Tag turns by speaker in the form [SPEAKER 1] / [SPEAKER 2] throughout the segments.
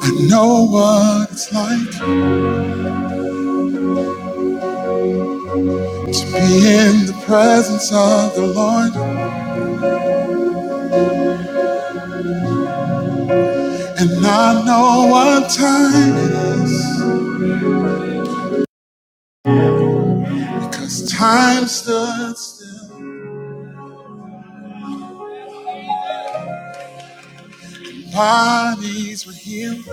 [SPEAKER 1] I know what it's like to be in the presence of the Lord, and I know what time it is because time stood still. Bodies were healed,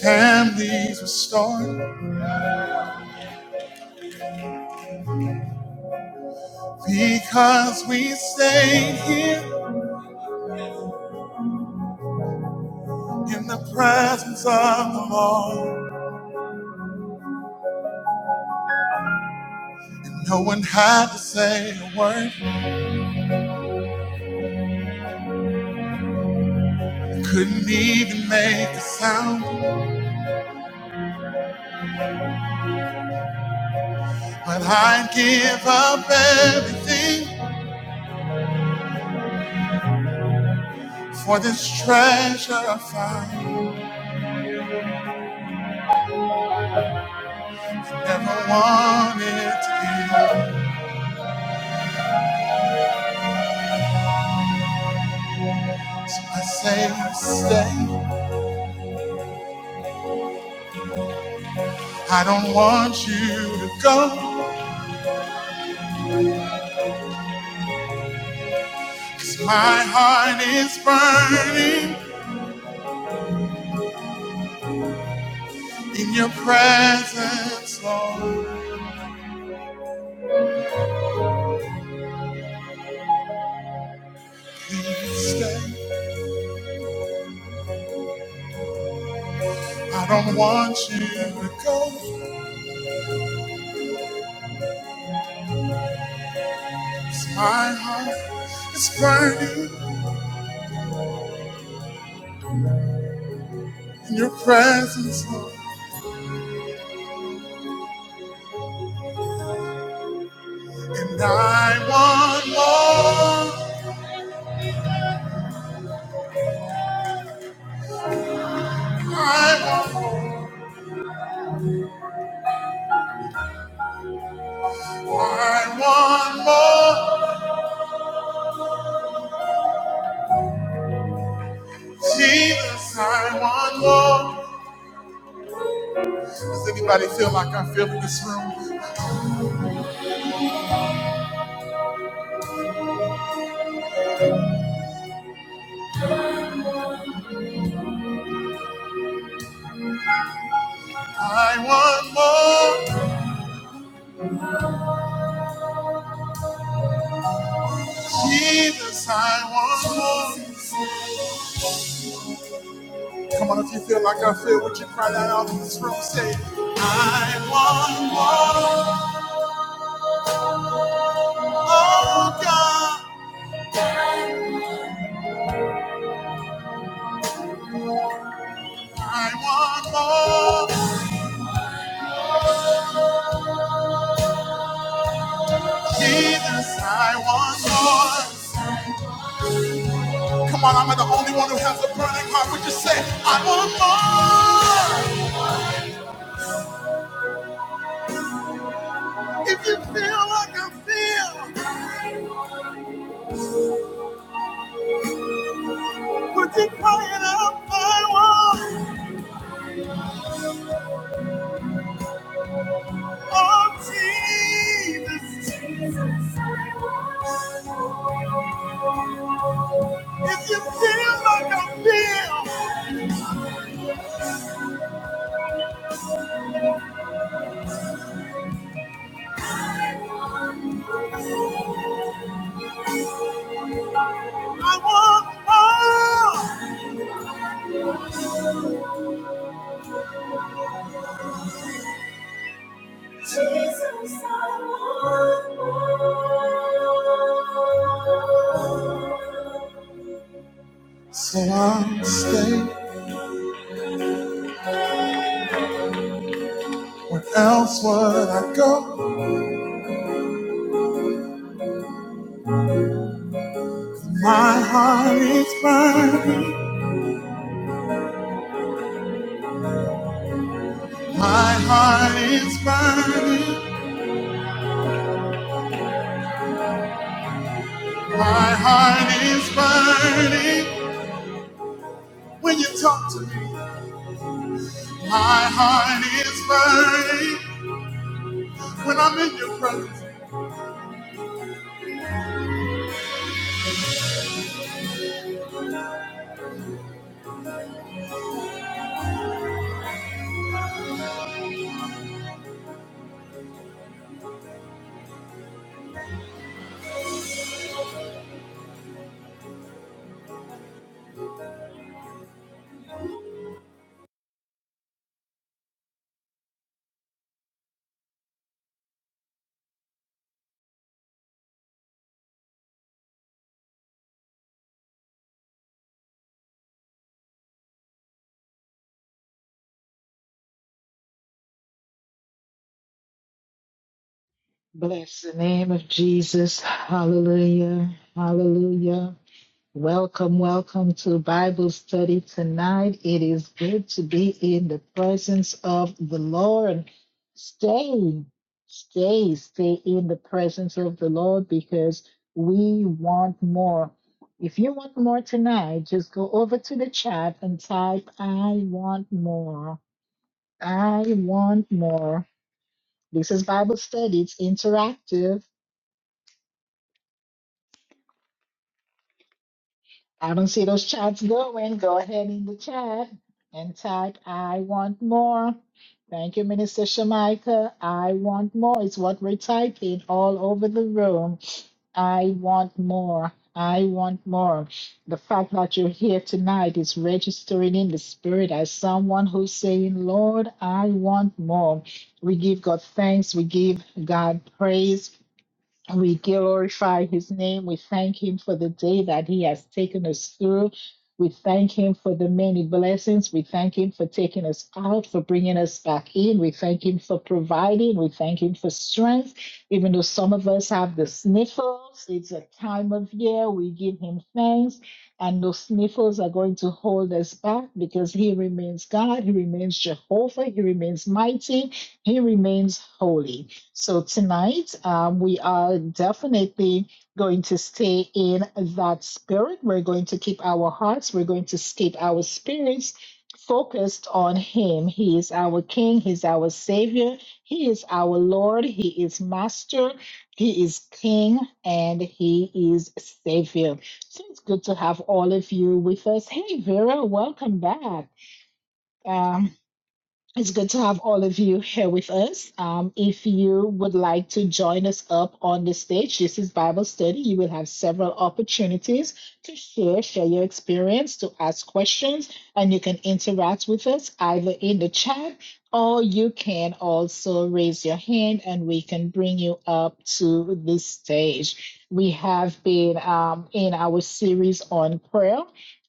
[SPEAKER 1] families restored because we stayed here in the presence of the Lord. And no one had to say a word, couldn't even make a sound. But I'd give up everything for this treasure I find. Never wanted to is I say, stay. I don't want you to go. 'Cause My heart is burning in your presence, Lord. Please stay. I don't want you to go. 'Cause My heart is burning in your presence, Lord. And I want more. I want more. Jesus, I want more. Does anybody feel like I feel in this room? I want more. Jesus, I want more. Come on, if you feel like I feel, would you cry that out in this room? Say, I want more. Oh God, I want more. Jesus, I want more. Come on, I'm not the only one who has a burning heart. Would you say, I want more? If you feel like I feel, would you cry it out? I want. If you feel like I feel, I want more. Jesus, I want. So I'll stay. Where else would I go? My heart is burning. My heart is burning. My heart is burning. When you talk to me. My heart is burning when I'm in your presence.
[SPEAKER 2] Bless the name of Jesus. Hallelujah. Hallelujah. Welcome, welcome to Bible study tonight. It is good to be in the presence of the Lord. Stay, stay, stay in the presence of the Lord because we want more. If you want more tonight, just go over to the chat and type, I want more. I want more. This is Bible study, it's interactive I don't see those chats going. Go ahead in the chat and type, I want more. Thank you, Minister Shamaika. I want more is what we're typing all over the room. I want more. I want more. The fact that you're here tonight is registering in the spirit as someone who's saying, Lord, I want more. We give God thanks. We give God praise we glorify his name. We thank him for the day that he has taken us through. We thank him for the many blessings. We thank him for taking us out, for bringing us back in. We thank him for providing. We thank him for strength. Even though some of us have the sniffles, it's a time of year. We give him thanks. And those sniffles are going to hold us back because he remains God. He remains Jehovah. He remains mighty. He remains holy. So tonight, um, we are definitely going to stay in that spirit. We're going to keep our hearts, we're going to keep our spirits focused on Him. He is our King, He's our Savior, He is our Lord, He is Master, He is King, and He is Savior. So it's good to have all of you with us. Hey, Vera, welcome back. Um, it's good to have all of you here with us. Um, if you would like to join us up on the stage, this is Bible study. You will have several opportunities to share, share your experience, to ask questions, and you can interact with us either in the chat or you can also raise your hand and we can bring you up to the stage. We have been um, in our series on prayer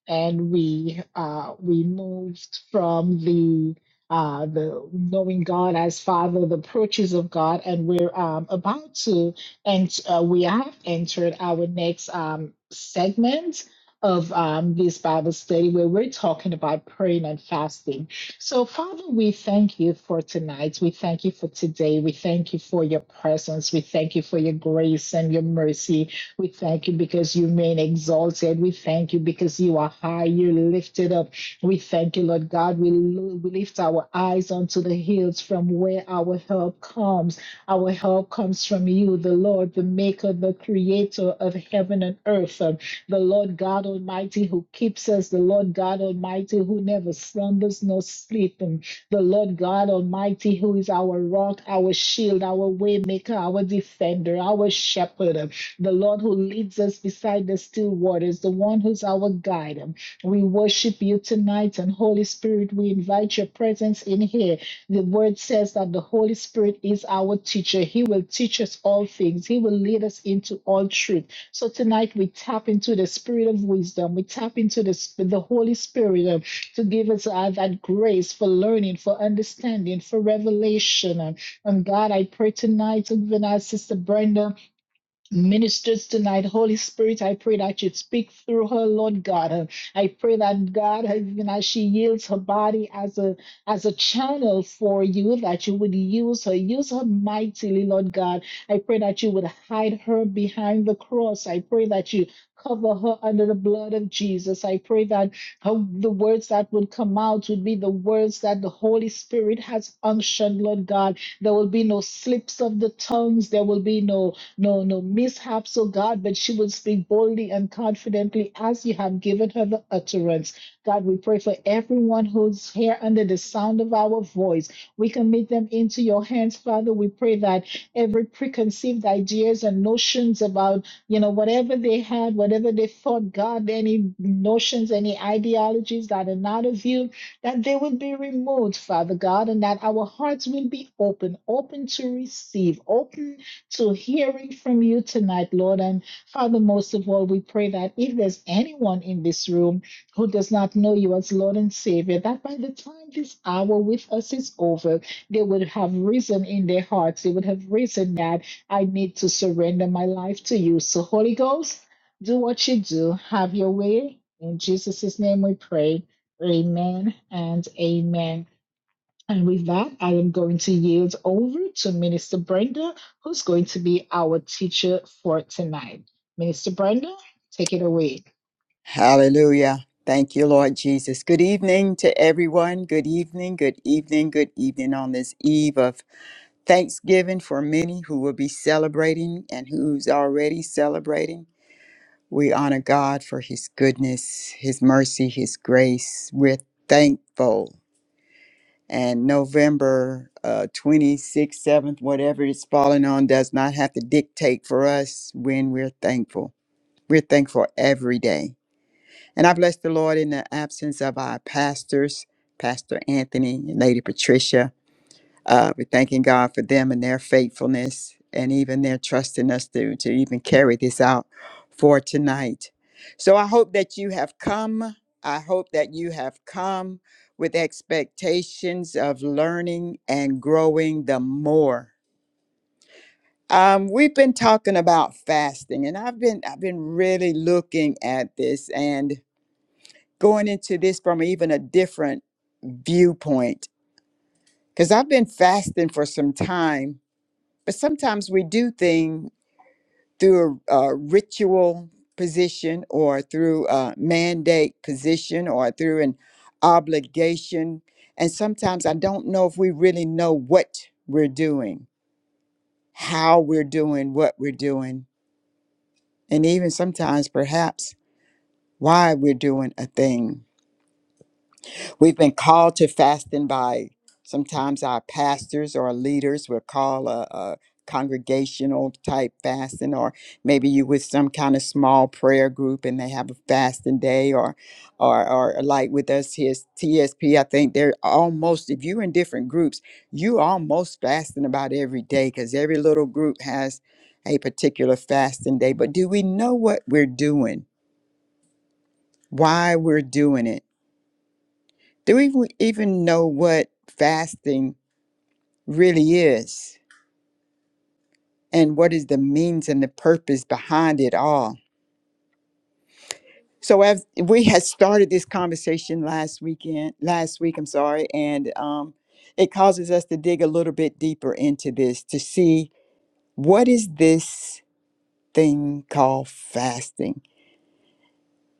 [SPEAKER 2] and we uh, we moved from the uh, the knowing God as Father, the approaches of God, and we're um, about to, and uh, we have entered our next um, segment of um, this Bible study where we're talking about praying and fasting. So, Father, we thank you for tonight. We thank you for today. We thank you for your presence. We thank you for your grace and your mercy. We thank you because you remain exalted. We thank you because you are high, you're lifted up. We thank you, Lord God. We, lo- we lift our eyes unto the hills from where our help comes. Our help comes from you, the Lord, the maker, the creator of heaven and earth, um, the Lord God Almighty who keeps us, the Lord God Almighty who never slumbers nor sleep, um, the Lord God Almighty who is our rock, our shield, our waymaker, our defender, our shepherd, um, the Lord who leads us beside the still waters, the one who's our guide. We worship you tonight, and Holy Spirit, we invite your presence in here. The word says that the Holy Spirit is our teacher. He will teach us all things, He will lead us into all truth. So tonight we tap into the spirit of wisdom, we tap into the, sp- the Holy Spirit uh, to give us uh, that grace for learning, for understanding, for revelation. Um, And God, I pray tonight, even as Sister Brenda ministers tonight. Holy Spirit, I pray that you speak through her, Lord God. Uh, I pray that God, even as she yields her body as a as a channel for you, that you would use her, use her mightily, Lord God. I pray that you would hide her behind the cross. I pray that you cover her under the blood of Jesus. I pray that her, the words that would come out would be the words that the Holy Spirit has unctioned, Lord God. There will be no slips of the tongues. There will be no no, no mishaps, oh God, but she will speak boldly and confidently as you have given her the utterance. God, we pray for everyone who's here under the sound of our voice. We commit them into your hands, Father. We pray that every preconceived ideas and notions about, you know, whatever they had, whatever they thought, God, any notions, any ideologies that are not of you, that they will be removed, Father God, and that our hearts will be open, open to receive, open to hearing from you tonight, Lord. And Father, most of all, we pray that if there's anyone in this room who does not know you as Lord and Savior, that by the time this hour with us is over, they would have risen in their hearts. They would have risen that I need to surrender my life to you. So, Holy Ghost, do what you do, have your way. In Jesus' name we pray. Amen and amen. And with that, I am going to yield over to Minister Brenda, who's going to be our teacher for tonight. Minister Brenda, take it away.
[SPEAKER 3] Hallelujah. Thank you, Lord Jesus. Good evening to everyone. Good evening, good evening, good evening on this eve of Thanksgiving for many who will be celebrating and who's already celebrating. We honor God for his goodness, his mercy, his grace. We're thankful. And November uh, 26th, 7th, whatever it's falling on, does not have to dictate for us when we're thankful. We're thankful every day. And I bless the Lord in the absence of our pastors, Pastor Anthony and Lady Patricia. Uh, we're thanking God for them and their faithfulness and even their trust in us to, to even carry this out for tonight. So I hope that you have come. I hope that you have come with expectations of learning and growing the more. Um, we've been talking about fasting, and I've been I've been really looking at this, and going into this from even a different viewpoint because I've been fasting for some time, but sometimes we do things through a, a ritual position or through a mandate position or through an obligation. And sometimes I don't know if we really know what we're doing, how we're doing what we're doing, and even sometimes perhaps why we're doing a thing. We've been called to fasting by sometimes our pastors or leaders will call a, a congregational type fasting, or maybe you with some kind of small prayer group and they have a fasting day, or or or like with us here is T s- TSP, I think they're almost if you're in different groups, you almost fasting about every day because every little group has a particular fasting day. But do we know what we're doing? Why we're doing it? Do we w- even know what fasting really is and what is the means and the purpose behind it all? So as we had started this conversation last weekend, last week, I'm sorry, and um, it causes us to dig a little bit deeper into this to see what is this thing called fasting.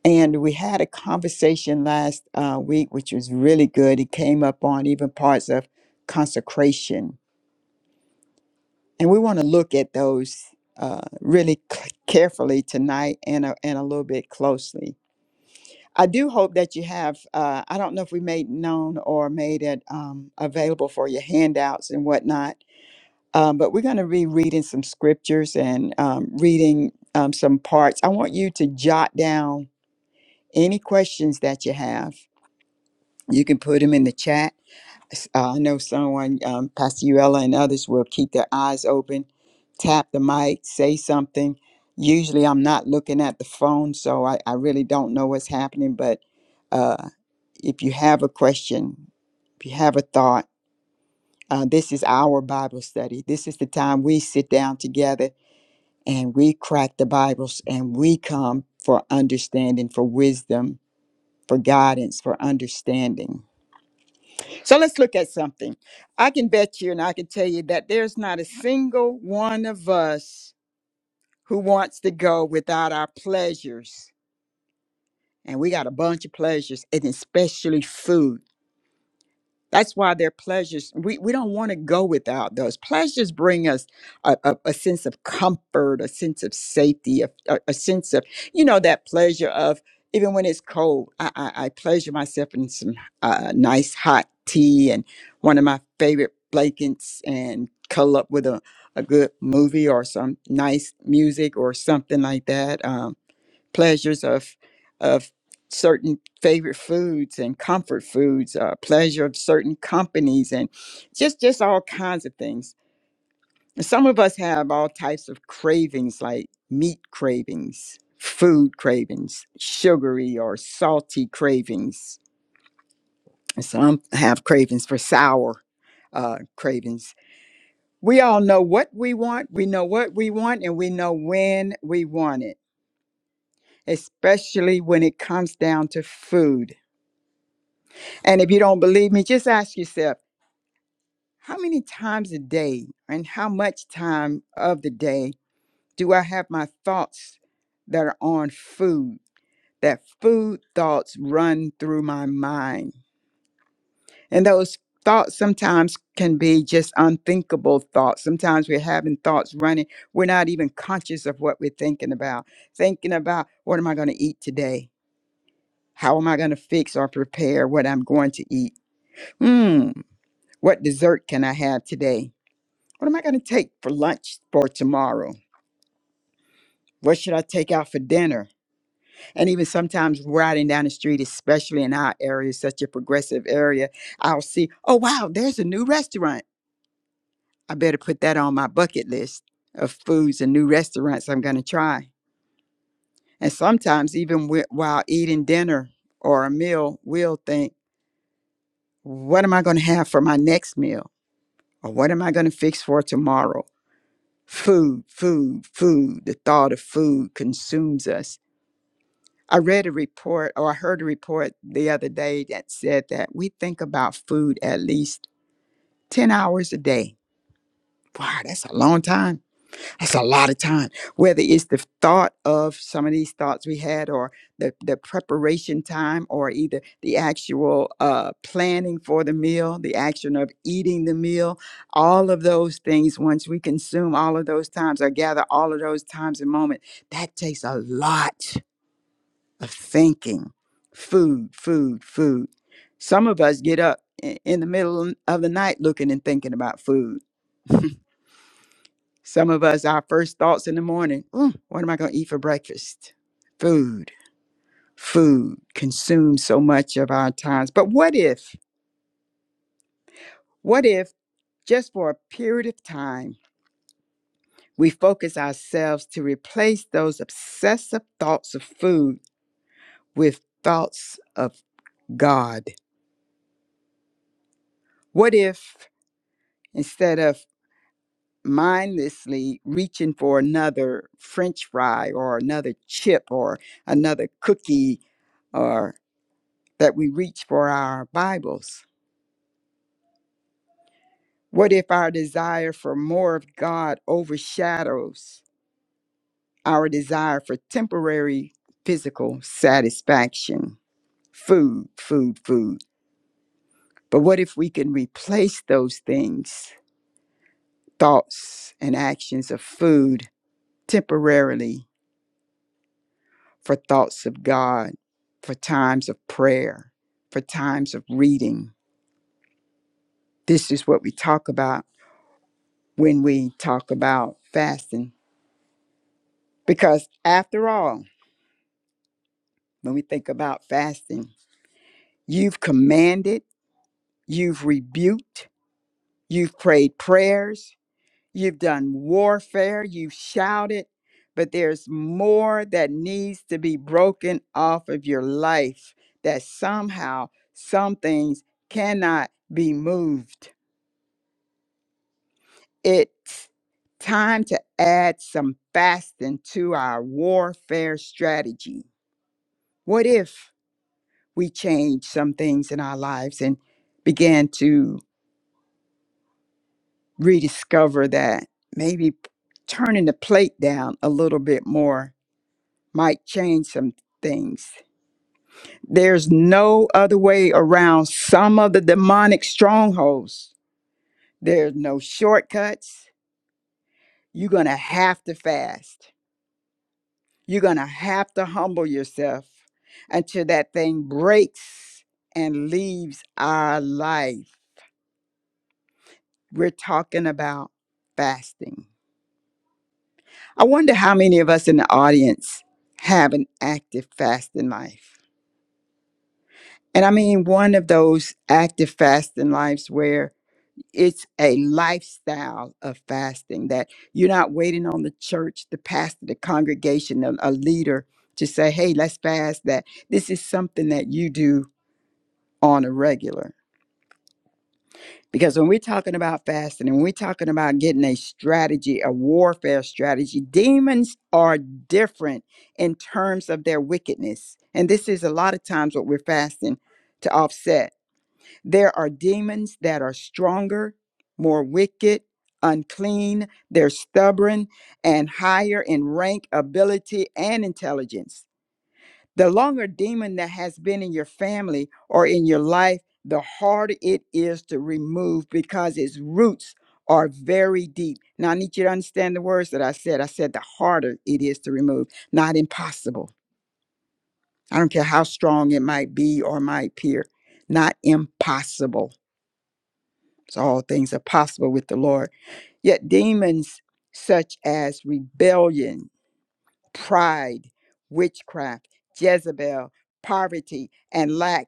[SPEAKER 3] And we had a conversation last uh, week, which was really good. It came up on even parts of consecration and we want to look at those uh, really c- carefully tonight and a, and a little bit closely. I do hope that you have. Uh, I don't know if we made known or made it um, available for your handouts and whatnot, um, but we're going to be reading some scriptures and um, reading um, some parts. I want you to jot down any questions that you have. You can put them in the chat Uh, I know someone, um, Pastor Uella and others will keep their eyes open, tap the mic, say something. Usually I'm not looking at the phone, so I, I really don't know what's happening. But uh, if you have a question, if you have a thought, uh, this is our Bible study. This is the time we sit down together and we crack the Bibles and we come for understanding, for wisdom, for guidance, for understanding. So let's look at something. I can bet you and I can tell you that there's not a single one of us who wants to go without our pleasures. And we got a bunch of pleasures, and especially food. That's why their pleasures, we, we don't want to go without those. Pleasures bring us a, a, a sense of comfort, a sense of safety, a, a, a sense of, you know, that pleasure of even when it's cold, I, I, I pleasure myself in some uh, nice hot tea and one of my favorite blankets and cuddle up with a, a good movie or some nice music or something like that. Um pleasures of of certain favorite foods and comfort foods, uh, pleasure of certain companies, and just just all kinds of things. And Some of us have all types of cravings, like meat cravings, food cravings, sugary or salty cravings. And Some have cravings for sour uh, cravings. We all know what we want. We know what we want, and we know when we want it, especially when it comes down to food And if you don't believe me, just ask yourself how many times a day and how much time of the day do I have my thoughts that are on food? That food thoughts run through my mind. And those thoughts sometimes can be just unthinkable thoughts. Sometimes we're having thoughts running. We're not even conscious of what we're thinking about. Thinking about what am I going to eat today? How am I going to fix or prepare what I'm going to eat? Hmm, what dessert can I have today? What am I going to take for lunch for tomorrow? What should I take out for dinner? And even sometimes riding down the street, especially in our area, such a progressive area, I'll see, oh, wow, there's a new restaurant. I better put that on my bucket list of foods and new restaurants I'm going to try. And sometimes, even wi- while eating dinner or a meal, we'll think, what am I going to have for my next meal? Or what am I going to fix for tomorrow? Food, food, food. The thought of food consumes us I read a report or I heard a report the other day that said that we think about food at least 10 hours a day. Wow, that's a long time. That's a lot of time. Whether it's the thought of some of these thoughts we had, or the, the preparation time, or either the actual uh, planning for the meal, the action of eating the meal, all of those things, once we consume all of those times or gather all of those times and moments, that takes a lot of thinking food, food, food. Some of us get up i- in the middle of the night looking and thinking about food. Some of us, our first thoughts in the morning, "Mm, what am I going to eat for breakfast? Food, food consumes so much of our times. But what if, what if just for a period of time, we focus ourselves to replace those obsessive thoughts of food with thoughts of God? What if instead of mindlessly reaching for another french fry or another chip or another cookie or that we reach for our bibles what if our desire for more of god overshadows our desire for temporary physical satisfaction food food food but what if we can replace those things thoughts and actions of food temporarily for thoughts of God, for times of prayer, for times of reading. This is what we talk about when we talk about fasting. Because after all, when we think about fasting, you've commanded, you've rebuked, you've prayed prayers, you've done warfare, you've shouted, but there's more that needs to be broken off of your life that somehow some things cannot be moved It's time to add some fasting to our warfare strategy. What if we change some things in our lives and began to rediscover that maybe turning the plate down a little bit more might change some things? There's no other way around some of the demonic strongholds. There's no shortcuts. You're going to have to fast You're going to have to humble yourself until that thing breaks and leaves our life. We're talking about fasting. I wonder how many of us in the audience have an active fasting life. And I mean, one of those active fasting lives where it's a lifestyle of fasting that you're not waiting on the church, the pastor, the congregation, a, a leader to say, hey, let's fast that. This is something that you do on a regular. Because when we're talking about fasting and we're talking about getting a strategy, a warfare strategy, demons are different in terms of their wickedness. And this is a lot of times what we're fasting to offset. There are demons that are stronger, more wicked, unclean, they're stubborn, and higher in rank, ability, and intelligence. The longer demon that has been in your family or in your life, the harder it is to remove because its roots are very deep. Now, I need you to understand the words that I said. I said the harder it is to remove, not impossible. I don't care how strong it might be or might appear, not impossible. So, all things are possible with the Lord. Yet, demons such as rebellion pride, witchcraft, Jezebel, poverty, and lack,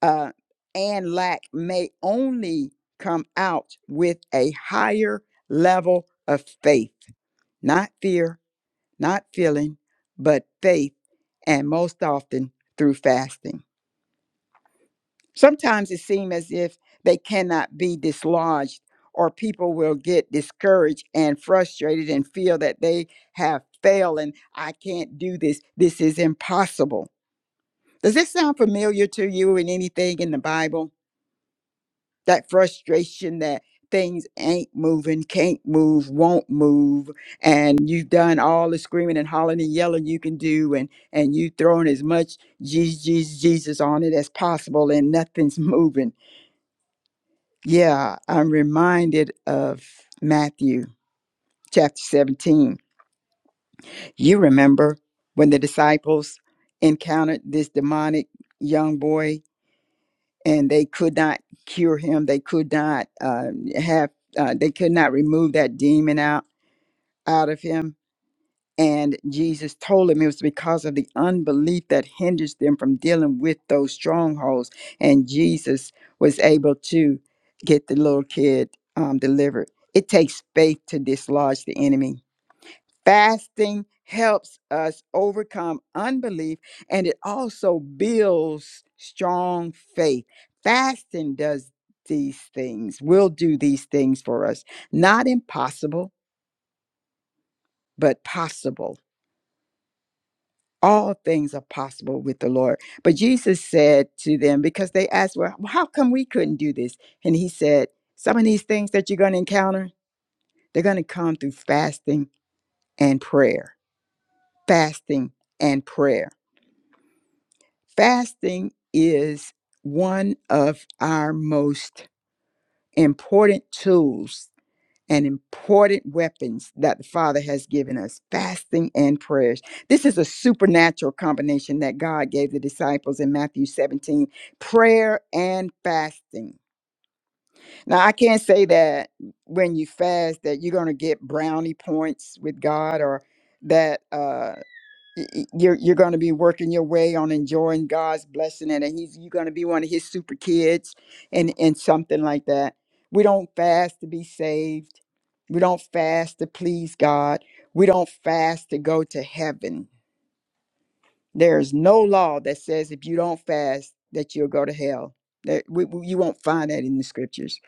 [SPEAKER 3] uh, and lack may only come out with a higher level of faith, not fear, not feeling, but faith, and most often through fasting. Sometimes it seems as if they cannot be dislodged, or people will get discouraged and frustrated and feel that they have failed and I can't do this. This is impossible. Does this sound familiar to you in anything in the Bible? That frustration that things ain't moving, can't move, won't move, and you've done all the screaming and hollering and yelling you can do, and and you throwing as much Jesus, Jesus Jesus on it as possible, and nothing's moving Yeah, I'm reminded of Matthew chapter 17. You remember when the disciples encountered this demonic young boy and they could not cure him, they could not uh, have, uh, they could not remove that demon out out of him And Jesus told him it was because of the unbelief that hinders them from dealing with those strongholds. And Jesus was able to get the little kid um, delivered. It takes faith to dislodge the enemy. Fasting helps us overcome unbelief and it also builds strong faith. Fasting does these things, will do these things for us. Not impossible, but possible all things are possible with the Lord. But Jesus said to them, because they asked, Well, how come we couldn't do this? And he said, Some of these things that you're going to encounter, they're going to come through fasting and prayer. Fasting and prayer. Fasting is one of our most important tools and important weapons that the Father has given us fasting and prayers. This is a supernatural combination that God gave the disciples in Matthew 17 prayer and fasting. Now, I can't say that when you fast that you're going to get brownie points with God or that, uh, y- y- you're you're going to be working your way on enjoying God's blessing and that he's you're going to be one of his super kids and and something like that. We don't fast to be saved we don't fast to please God. We don't fast to go to heaven. There is no law that says if you don't fast that you'll go to hell. That we, we- you won't find that in the scriptures.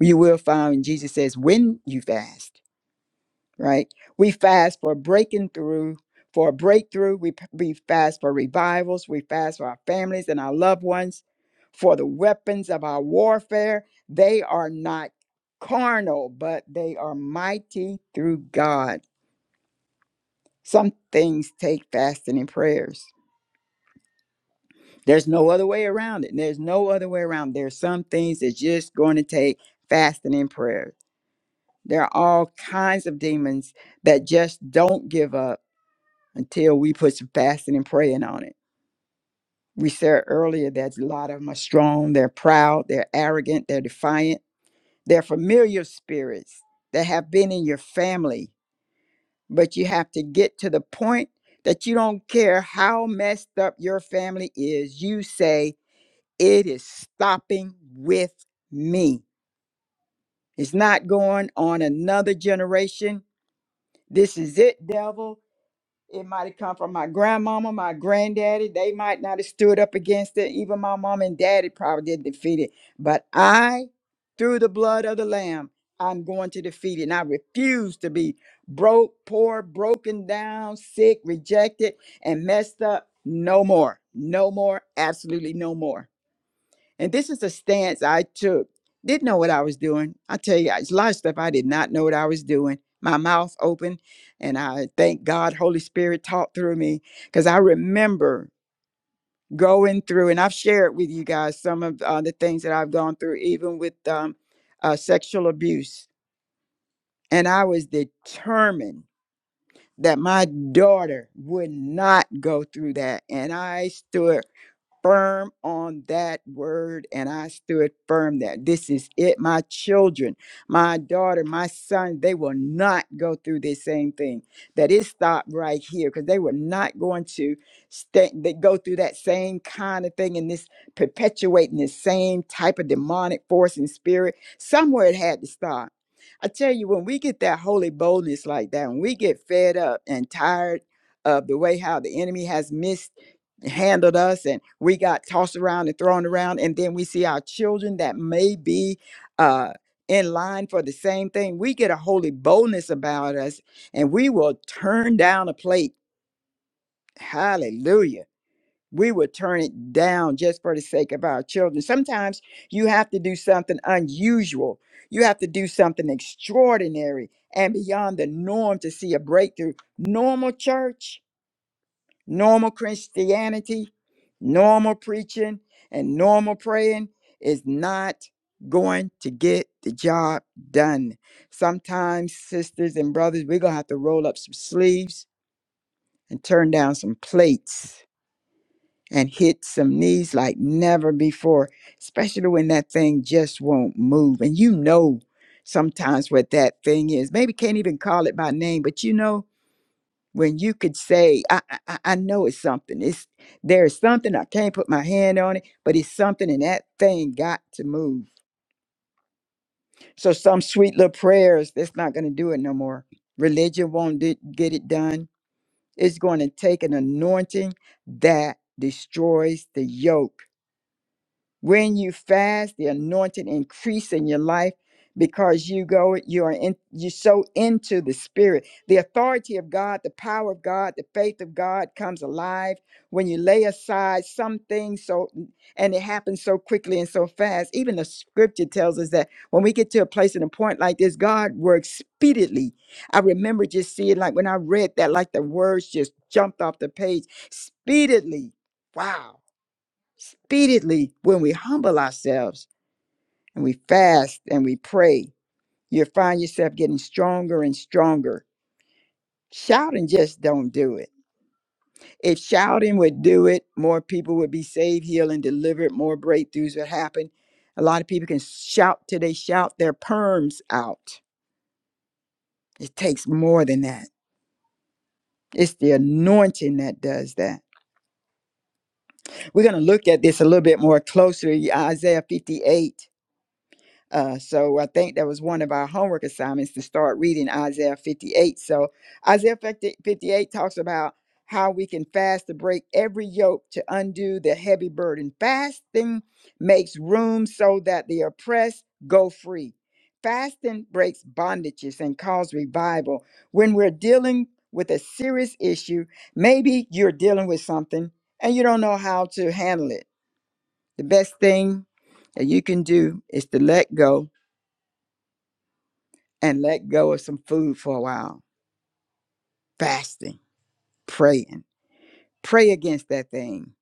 [SPEAKER 3] You will find when Jesus says when you fast, right? We fast for breaking through, for a breakthrough. We, p- we fast for revivals. We fast for our families and our loved ones. For the weapons of our warfare, they are not carnal, but they are mighty through God Some things take fasting and prayers. There's no other way around it. There's no other way around. There's some things that's just going to take fasting and prayer. There are all kinds of demons that just don't give up until we put some fasting and praying on it. We said earlier that a lot of them are strong, they're proud, they're arrogant, they're defiant, they're familiar spirits that have been in your family but you have to get to the point that you don't care how messed up your family is. You say, it is stopping with me. It's not going on another generation. This is it, devil. It might have come from my grandmama, my granddaddy. They might not have stood up against it. Even my mom and daddy probably didn't defeat it. But I, through the blood of the Lamb, I'm going to defeat it. And I refuse to be broke, poor, broken down, sick, rejected, and messed up no more. No more. Absolutely no more. And this is a stance I took. Didn't know what I was doing. I tell you, it's a lot of stuff I did not know what I was doing. My mouth open, and I thank God, Holy Spirit talked through me because I remember going through, and I've shared with you guys some of uh, the things that I've gone through, even with um, uh, sexual abuse. And I was determined that my daughter would not go through that. And I stood firm on that word and I stood firm that this is it. My children, my daughter, my son, they will not go through this same thing. That it stopped right here because they were not going to stay, they go through that same kind of thing and this perpetuating the same type of demonic force and spirit. Somewhere it had to stop. I tell you, when we get that holy boldness like that, when we get fed up and tired of the way how the enemy has missed handled us and we got tossed around and thrown around and then we see our children that may be uh in line for the same thing we get a holy boldness about us and we will turn down a plate hallelujah we will turn it down just for the sake of our children sometimes you have to do something unusual you have to do something extraordinary and beyond the norm to see a breakthrough normal church Normal Christianity, normal preaching, and normal praying is not going to get the job done. Sometimes, sisters and brothers, we're going to have to roll up some sleeves and turn down some plates and hit some knees like never before, especially when that thing just won't move. And you know sometimes what that thing is. Maybe can't even call it by name, but you know when you could say, I, I, I I know it's something. It's there is something I can't put my hand on it, but it's something, and that thing got to move. So some sweet little prayers that's not going to do it no more. Religion won't do, get it done. It's going to take an anointing that destroys the yoke When you fast, the anointing increase in your life because you go, you are in, you so into the spirit. The authority of God, the power of God, the faith of God comes alive when you lay aside some things so and it happens so quickly and so fast. Even the scripture tells us that when we get to a place and a point like this, God works speedily. I remember just seeing like when I read that, like the words just jumped off the page. Speedily. Wow Speedily, when we humble ourselves and we fast and we pray, you'll find yourself getting stronger and stronger. Shouting just don't do it. If shouting would do it, more people would be saved, healed, and delivered. More breakthroughs would happen. A lot of people can shout till they shout their perms out. It takes more than that. It's the anointing that does that. We're going to look at this a little bit more closely. Isaiah 58 Uh, so I think that was one of our homework assignments to start reading Isaiah 58. So Isaiah 50 58 talks about how we can fast to break every yoke to undo the heavy burden. Fasting makes room so that the oppressed go free. Fasting breaks bondages and calls revival. When we're dealing with a serious issue, maybe you're dealing with something and you don't know how to handle it. The best thing that you can do is to let go and let go of some food for a while, fasting, praying. Pray against that thing.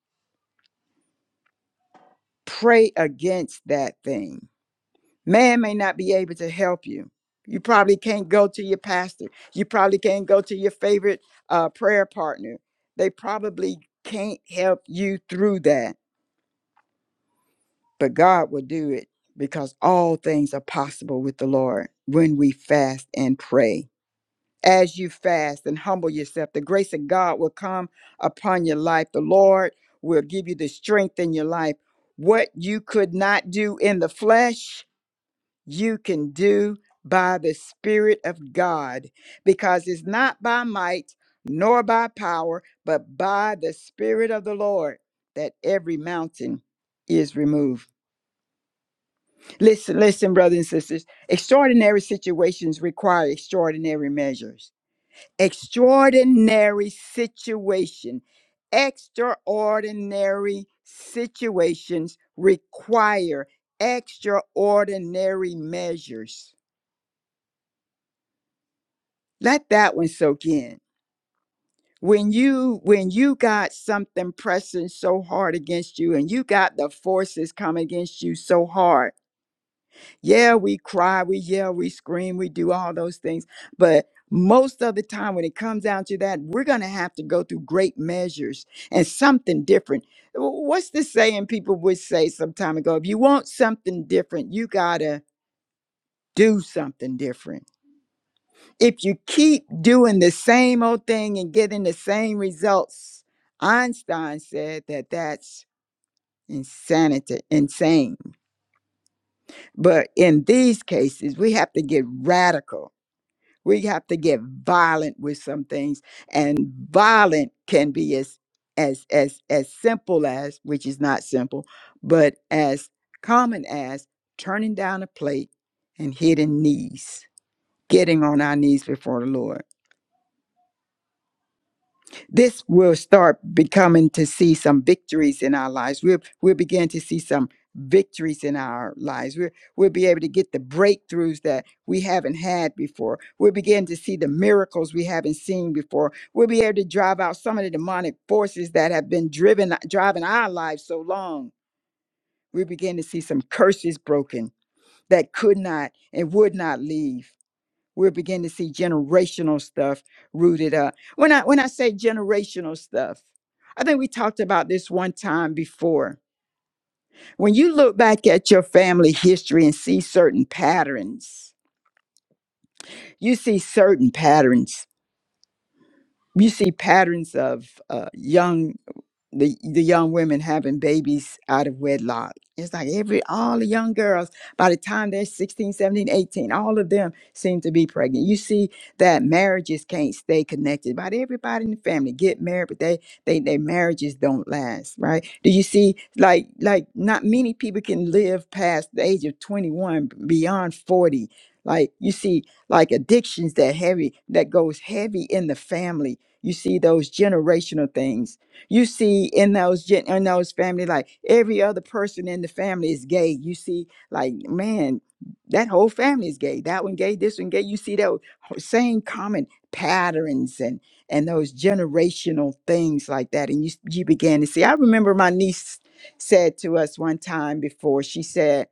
[SPEAKER 3] Pray against that thing. Man may not be able to help you. You probably can't go to your pastor. You probably can't go to your favorite uh, prayer partner. They probably can't help you through that, but God will do it because all things are possible with the Lord when we fast and pray as you fast and humble yourself, the grace of God will come upon your life. The Lord will give you the strength in your life. What you could not do in the flesh, you can do by the Spirit of God, because it's not by might nor by power, but by the Spirit of the Lord that every mountain is removed. Listen, listen, brothers and sisters, extraordinary situations require extraordinary measures extraordinary situation. Extraordinary situations require extraordinary measures. Let that one soak in. When you when you got something pressing so hard against you and you got the forces coming against you so hard Yeah, we cry, we yell, we scream, we do all those things. But most of the time, when it comes down to that, we're going to have to go through great measures and something different. Wh- What's the saying people would say some time ago? If you want something different, you got to do something different. If you keep doing the same old thing and getting the same results, Einstein said that that's insanity, insane. But in these cases, we have to get radical We have to get violent with some things, and violent can be as as as as simple as, which is not simple, but as common as turning down a plate and hitting knees, getting on our knees before the Lord this will start becoming to see some victories in our lives. We'll we'll begin to see some victories in our lives. We'll we'll be able to get the breakthroughs that we haven't had before. We'll begin to see the miracles we haven't seen before. We'll be able to drive out some of the demonic forces that have been driven driving our lives so long. We begin to see some curses broken that could not and would not leave we're beginning to see generational stuff rooted up. When I when I say generational stuff, I think we talked about this one time before. When you look back at your family history and see certain patterns, you see certain patterns. You see patterns of uh, young the the young women having babies out of wedlock. It's like every all the young girls by the time they're sixteen, seventeen, eighteen, all of them seem to be pregnant. You see that marriages can't stay connected. About everybody in the family get married, but they they their marriages don't last, right? Do you see like like not many people can live past the age of 21 beyond 40. Like you see like addictions that heavy that goes heavy in the family. You see those generational things you see in those gen- in those family, like every other person in the family is gay. You see, like man, that whole family is gay. That one gay, this one gay. You see those ho- same common patterns and and those generational things like that. And you s- you began to see. I remember my niece said to us one time before. She said,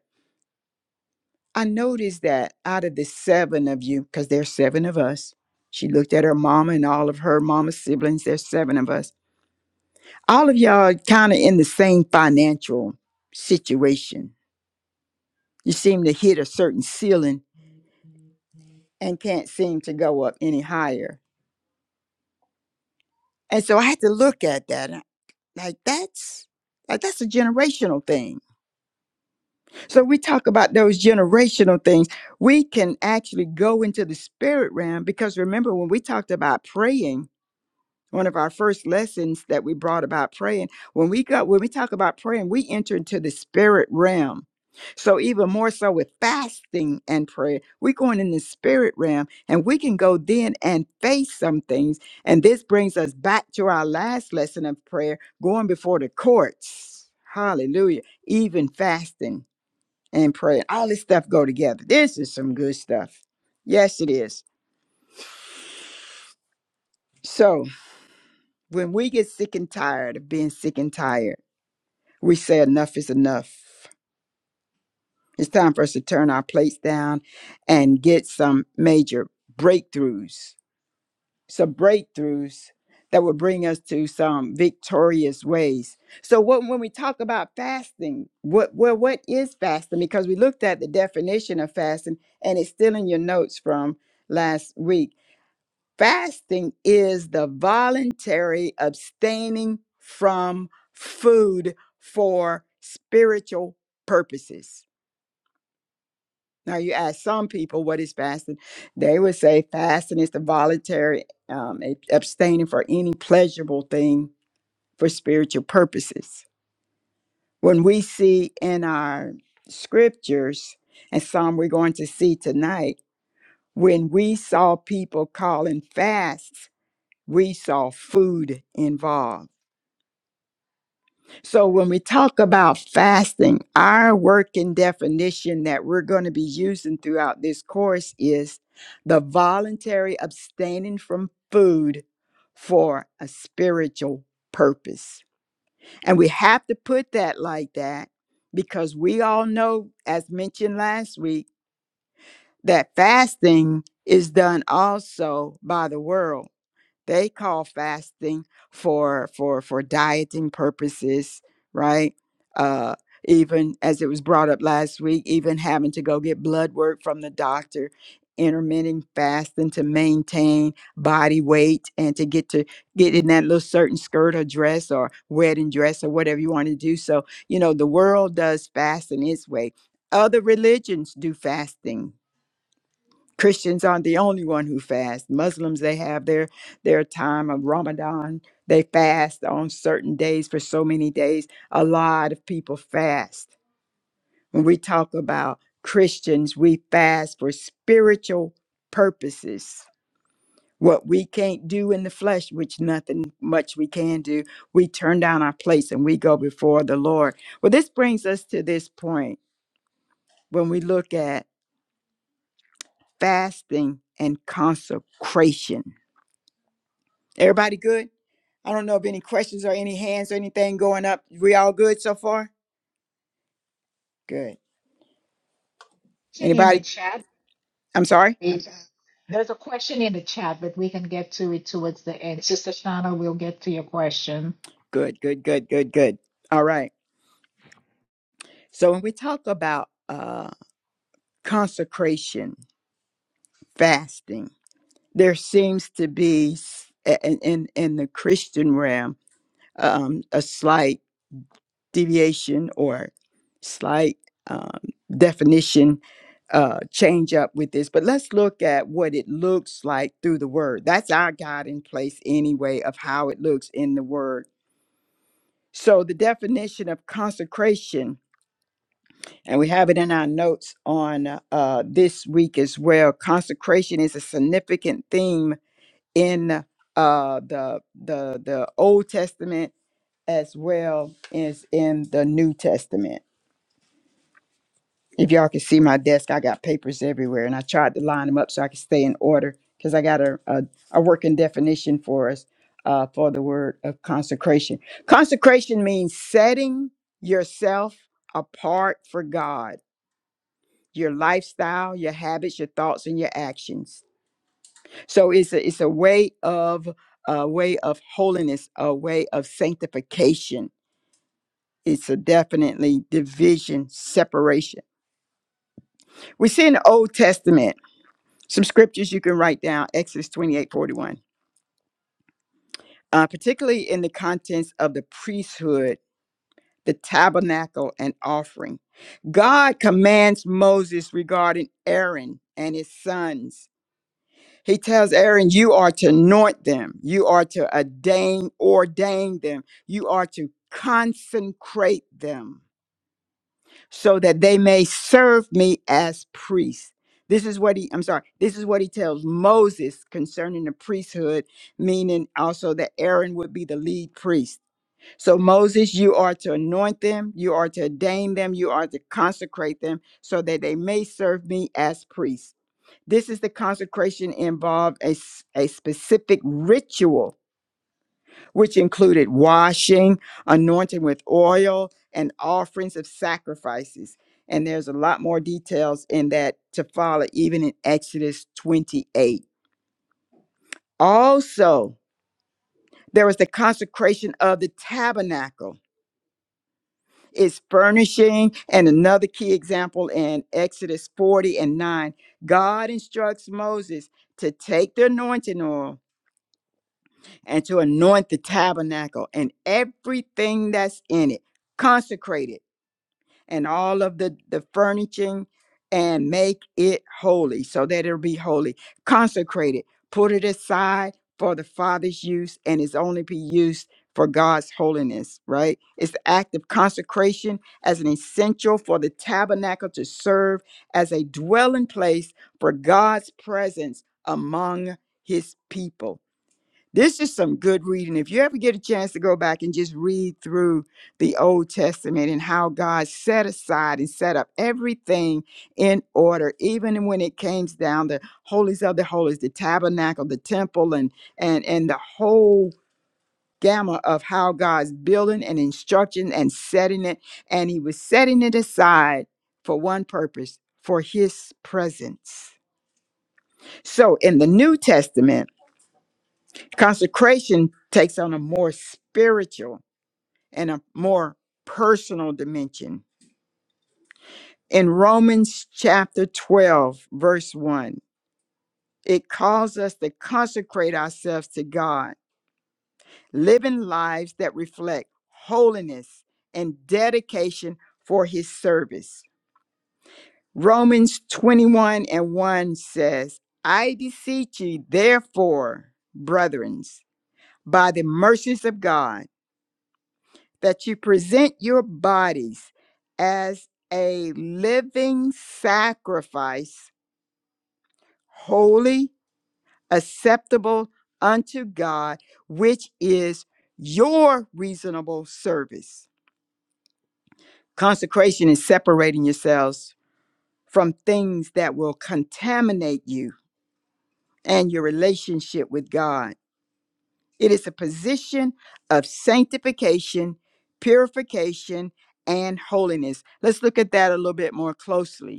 [SPEAKER 3] "I noticed that out of the seven of you, because there's seven of us." She looked at her mama and all of her mama's siblings. There's seven of us all of y'all are kind of in the same financial situation. You seem to hit a certain ceiling and can't seem to go up any higher. And so I had to look at that and I- like that's like that's a generational thing. So we talk about those generational things. We can actually go into the spirit realm because remember when we talked about praying one of our first lessons that we brought about praying when we go when we talk about praying we enter into the spirit realm so even more so with fasting and prayer we're going in the spirit realm and we can go then and face some things and this brings us back to our last lesson of prayer going before the courts hallelujah even fasting and prayer all this stuff go together this is some good stuff yes it is so When we get sick and tired of being sick and tired, we say enough is enough. It's time for us to turn our plates down and get some major breakthroughs, some breakthroughs that will bring us to some victorious ways. So what, when we talk about fasting, what well, what is fasting? Because we looked at the definition of fasting, and it's still in your notes from last week Fasting is the voluntary abstaining from food for spiritual purposes. Now, you ask some people, what is fasting? They would say fasting is the voluntary um, ab- abstaining for any pleasurable thing for spiritual purposes. When we see in our scriptures, and some we're going to see tonight, when we saw people calling fasts, we saw food involved So when we talk about fasting, our working definition that we're going to be using throughout this course is the voluntary abstaining from food for a spiritual purpose. And we have to put that like that because we all know as mentioned last week that fasting is done also by the world they call fasting for for for dieting purposes, right? Uh, even as it was brought up last week, even having to go get blood work from the doctor, intermittent fasting to maintain body weight and to get to get in that little certain skirt or dress or wedding dress or whatever you want to do. So, you know, the world does fasting its way. Other religions do fasting Christians aren't the only one who fast. Muslims they have their their time of Ramadan. They fast on certain days for so many days. A lot of people fast. When we talk about Christians, we fast for spiritual purposes. What we can't do in the flesh, which nothing much we can do, we turn down our plates and we go before the Lord. Well, this brings us to this point when we look at fasting and consecration Everybody good? I don't know if any questions or any hands or anything going up. We all good so far? Good.
[SPEAKER 2] Question in the
[SPEAKER 3] Anybody?
[SPEAKER 2] chat.
[SPEAKER 3] I'm sorry?
[SPEAKER 2] It- uh, There's a question in the chat, but we can get to it towards the end. Sister Shana, we'll get to your question.
[SPEAKER 3] Good, good, good, good, good. All right. So when we talk about uh consecration, fasting, there seems to be s- a- in in, in the Christian realm um a slight deviation or slight um, definition uh, change up with this, but let's look at what it looks like through the word. That's our guiding place, anyway, of how it looks in the word. So, the definition of consecration, and we have it in our notes on uh, uh, this week as well. Consecration is a significant theme in uh, the the the Old Testament as well as in the New Testament. If y'all can see my desk, I got papers everywhere, and I tried to line them up so I could stay in order because I got a, a a working definition for us uh, for the word of consecration. Consecration means setting yourself apart for God. Your lifestyle, your habits, your thoughts, and your actions. So it's a it's a way of a way of holiness, a way of sanctification. It's a definitely division, separation. We see in the Old Testament Some scriptures you can write down Exodus 28 41, uh, particularly in the contents of the priesthood, the tabernacle, and offering. God commands Moses regarding Aaron and his sons. He tells Aaron, You are to anoint them, you are to ordain, ordain them, you are to consecrate them. so that they may serve me as priests. This is what he, I'm sorry, this is what he tells Moses concerning the priesthood, meaning also that Aaron would be the lead priest. So, Moses, you are to anoint them, you are to ordain them, you are to consecrate them so that they may serve me as priests. This is the consecration involved a, s- a specific ritual which included washing, anointing with oil, and offerings of sacrifices. And there's a lot more details in that to follow, even in Exodus 28. Also, there was the consecration of the tabernacle, its furnishing, and another key example in Exodus 40 and 9. God instructs Moses to take the anointing oil and to anoint the tabernacle and everything that's in it, consecrate it and all of the, the furnishing and make it holy so that it'll be holy. Consecrate it, put it aside for the Father's use and it's only be used for God's holiness, right? It's the act of consecration as an essential for the tabernacle to serve as a dwelling place for God's presence among his people this is some good reading. If you ever get a chance to go back and just read through the Old Testament and how God set aside and set up everything in order, even when it came down the holies of the holies, the tabernacle, the temple, and and and the whole gamma of how God's building and instructing and setting it, and He was setting it aside for one purpose, for His presence. So in the New Testament. Consecration takes on a more spiritual and a more personal dimension. In Romans chapter 12, verse 1, it calls us to consecrate ourselves to God, living lives that reflect holiness and dedication for his service. Romans 21 and 1 says, I beseech you, therefore, brethren, by the mercies of God that you present your bodies as a living sacrifice, holy, acceptable unto God, which is your reasonable service. Consecration is separating yourselves from things that will contaminate you and your relationship with God. It is a position of sanctification, purification, and holiness. Let's look at that a little bit more closely.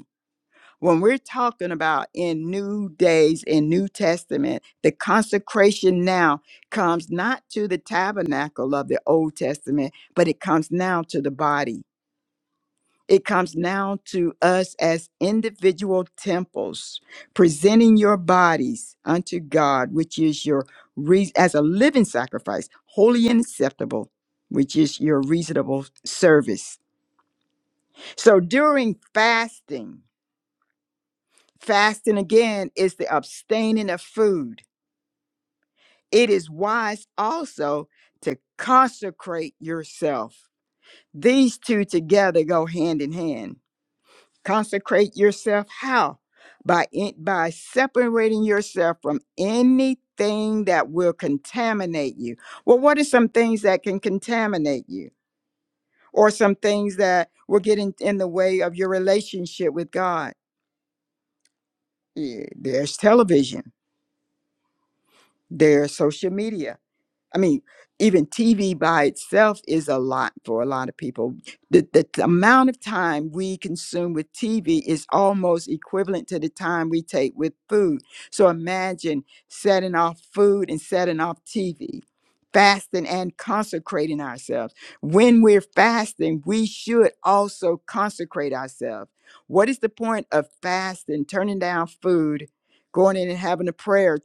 [SPEAKER 3] when we're talking about in new days in new testament the consecration now comes not to the tabernacle of the old testament but it comes now to the body it comes now to us as individual temples presenting your bodies unto god which is your rea- as a living sacrifice holy and acceptable which is your reasonable service so during fasting Fasting again is the abstaining of food. It is wise also to consecrate yourself. These two together go hand in hand. Consecrate yourself how? By in, by separating yourself from anything that will contaminate you. Well, what are some things that can contaminate you? Or some things that will get in, in the way of your relationship with God? Yeah, there's television, there's social media, I mean, even TV by itself is a lot for a lot of people. The, the t- amount of time we consume with TV is almost equivalent to the time we take with food. So imagine setting off food and setting off TV, fasting and consecrating ourselves. When we're fasting, we should also consecrate ourselves. What is the point of fasting, turning down food, going in and having a prayer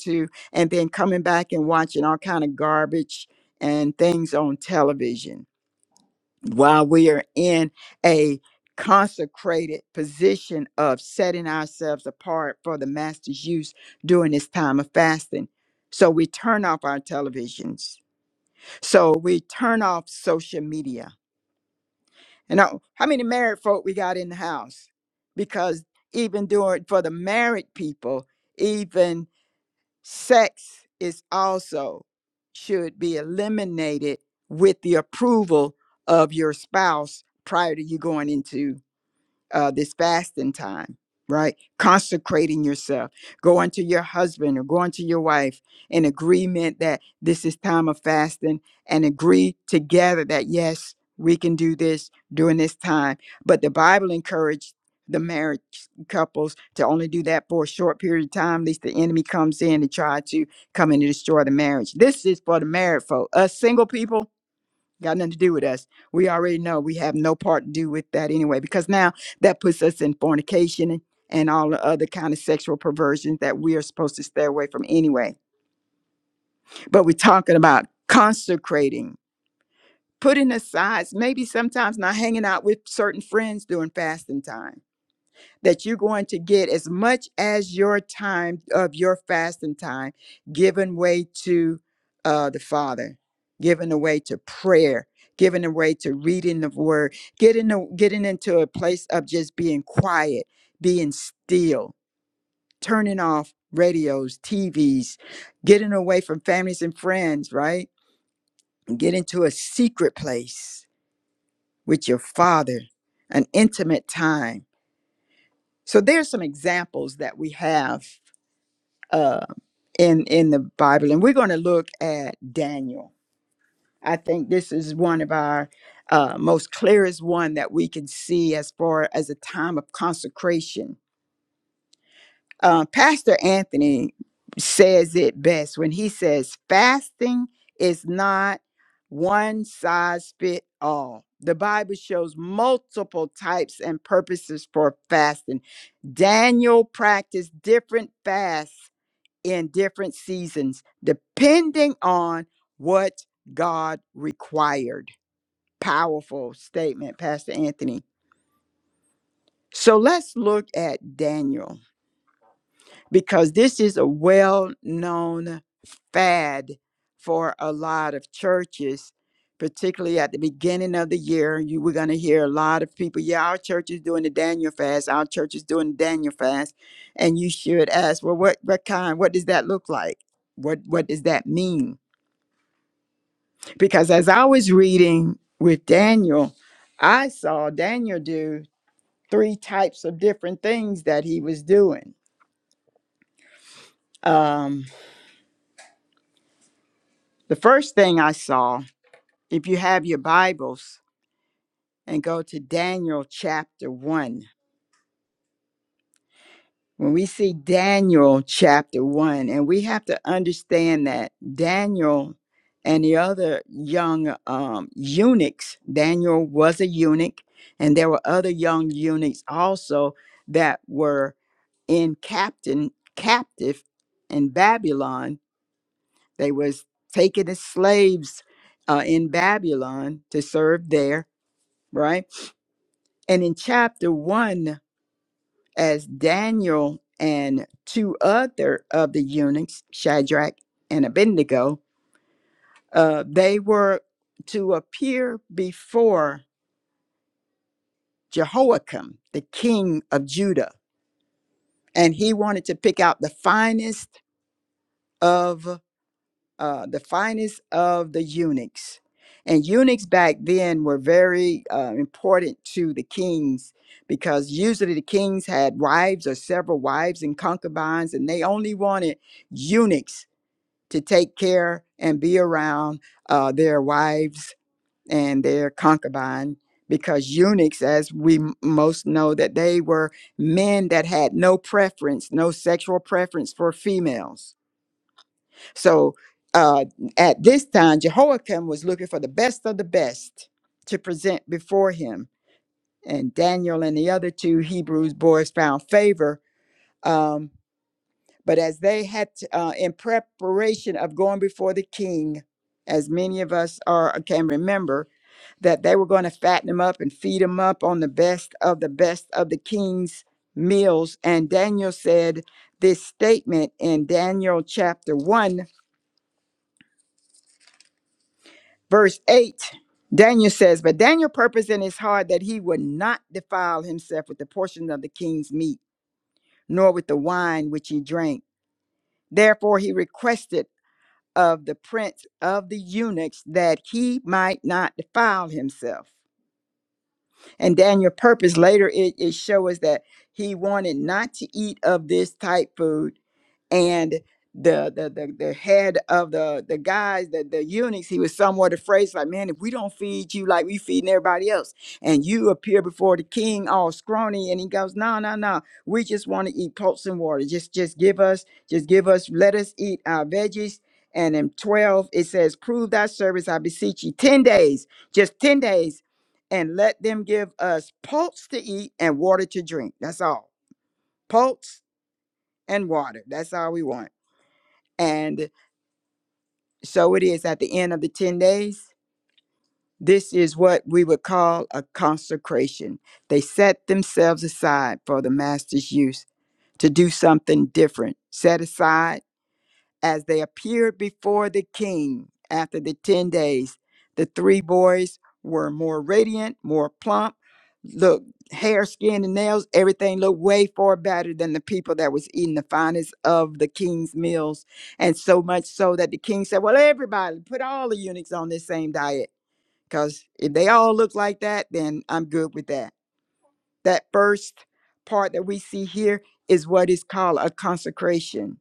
[SPEAKER 3] and then coming back and watching all kind of garbage and things on television while we are in a consecrated position of setting ourselves apart for the master's use during this time of fasting so we turn off our televisions so we turn off social media and how how many married folk we got in the house because even during for the married people even Sex is also should be eliminated with the approval of your spouse prior to you going into uh, this fasting time, right? Consecrating yourself, going to your husband or going to your wife in agreement that this is time of fasting and agree together that yes, we can do this during this time. But the Bible encouraged the marriage couples to only do that for a short period of time, lest the enemy comes in and try to come in and destroy the marriage. This is for the married folk. Us single people, Got nothing to do with us. We already know we have no part to do with that anyway, because now that puts us in fornication and and all the other kind of sexual perversions that we are supposed to stay away from anyway. But we're talking about consecrating, putting aside, maybe sometimes not hanging out with certain friends during fasting time that you're going to get as much as your time of your fasting time given way to uh, the Father, given away to prayer, given away to reading the Word, getting a- getting into a place of just being quiet, being still, turning off radios, TVs, getting away from families and friends, right? And get into a secret place with your Father, an intimate time. So there's some examples that we have uh, in in the Bible, and we're going to look at Daniel. I think this is one of our uh, most clearest one that we can see as far as a time of consecration. Uh, Pastor Anthony says it best when he says, "Fasting is not one size fit all." The Bible shows multiple types and purposes for fasting. Daniel practiced different fasts in different seasons, depending on what God required. Powerful statement, Pastor Anthony. So let's look at Daniel because this is a well known fad for a lot of churches, particularly at the beginning of the year. You were going to hear a lot of people, yeah, our church is doing the Daniel fast, our church is doing the Daniel fast. And you should ask, well, what, what kind? What does that look like? What, what does that mean? because as I was reading with Daniel, I saw Daniel do three types of different things that he was doing. Um, the first thing I saw, if you have your Bibles and go to Daniel chapter one, when we see Daniel chapter one, and we have to understand that Daniel and the other young um, eunuchs, Daniel was a eunuch, and there were other young eunuchs also that were in captain captive in Babylon. They was taken as slaves uh, in Babylon to serve there, right? And in chapter one, as Daniel and two other of the eunuchs, Shadrach and Abednego, uh, they were to appear before Jehoiakim, the king of Judah, and he wanted to pick out the finest of uh, the finest of the eunuchs. And eunuchs back then were very uh, important to the kings because usually the kings had wives or several wives and concubines, and they only wanted eunuchs to take care and be around uh, their wives and their concubine. Because eunuchs, as we m- most know, that they were men that had no preference, no sexual preference for females so uh, at this time, Jehoiakim was looking for the best of the best to present before him. And Daniel and the other two Hebrews boys found favor. Um, but as they had, to- uh, in preparation of going before the king, as many of us are can remember, that they were going to fatten him up and feed him up on the best of the best of the king's meals. And Daniel said this statement in Daniel chapter 1 Verse 8, Daniel says, But Daniel purposed in his heart that he would not defile himself with the portion of the king's meat, nor with the wine which he drank. Therefore he requested of the prince of the eunuchs that he might not defile himself. And Daniel purpose later it, it shows us that he wanted not to eat of this type food and the the the, the head of the the guys the, the eunuchs he was somewhat afraid It's like man if we don't feed you like we feeding everybody else and you appear before the king all scrawny and he goes no no no we just want to eat pulse and water just just give us just give us let us eat our veggies and in 12 it says prove thy service i beseech you 10 days just 10 days and let them give us pulse to eat and water to drink that's all pulse and water that's all we want and so it is at the end of the 10 days. This is what we would call a consecration. They set themselves aside for the master's use to do something different, set aside as they appeared before the king after the 10 days, the three boys were more radiant, more plump, look, hair, skin, and nails, everything looked way far better than the people that was eating the finest of the king's meals. And so much so that the king said, Well, everybody, put all the eunuchs on this same diet. Because if they all look like that, then I'm good with that. That first part that we see here is what is called a consecration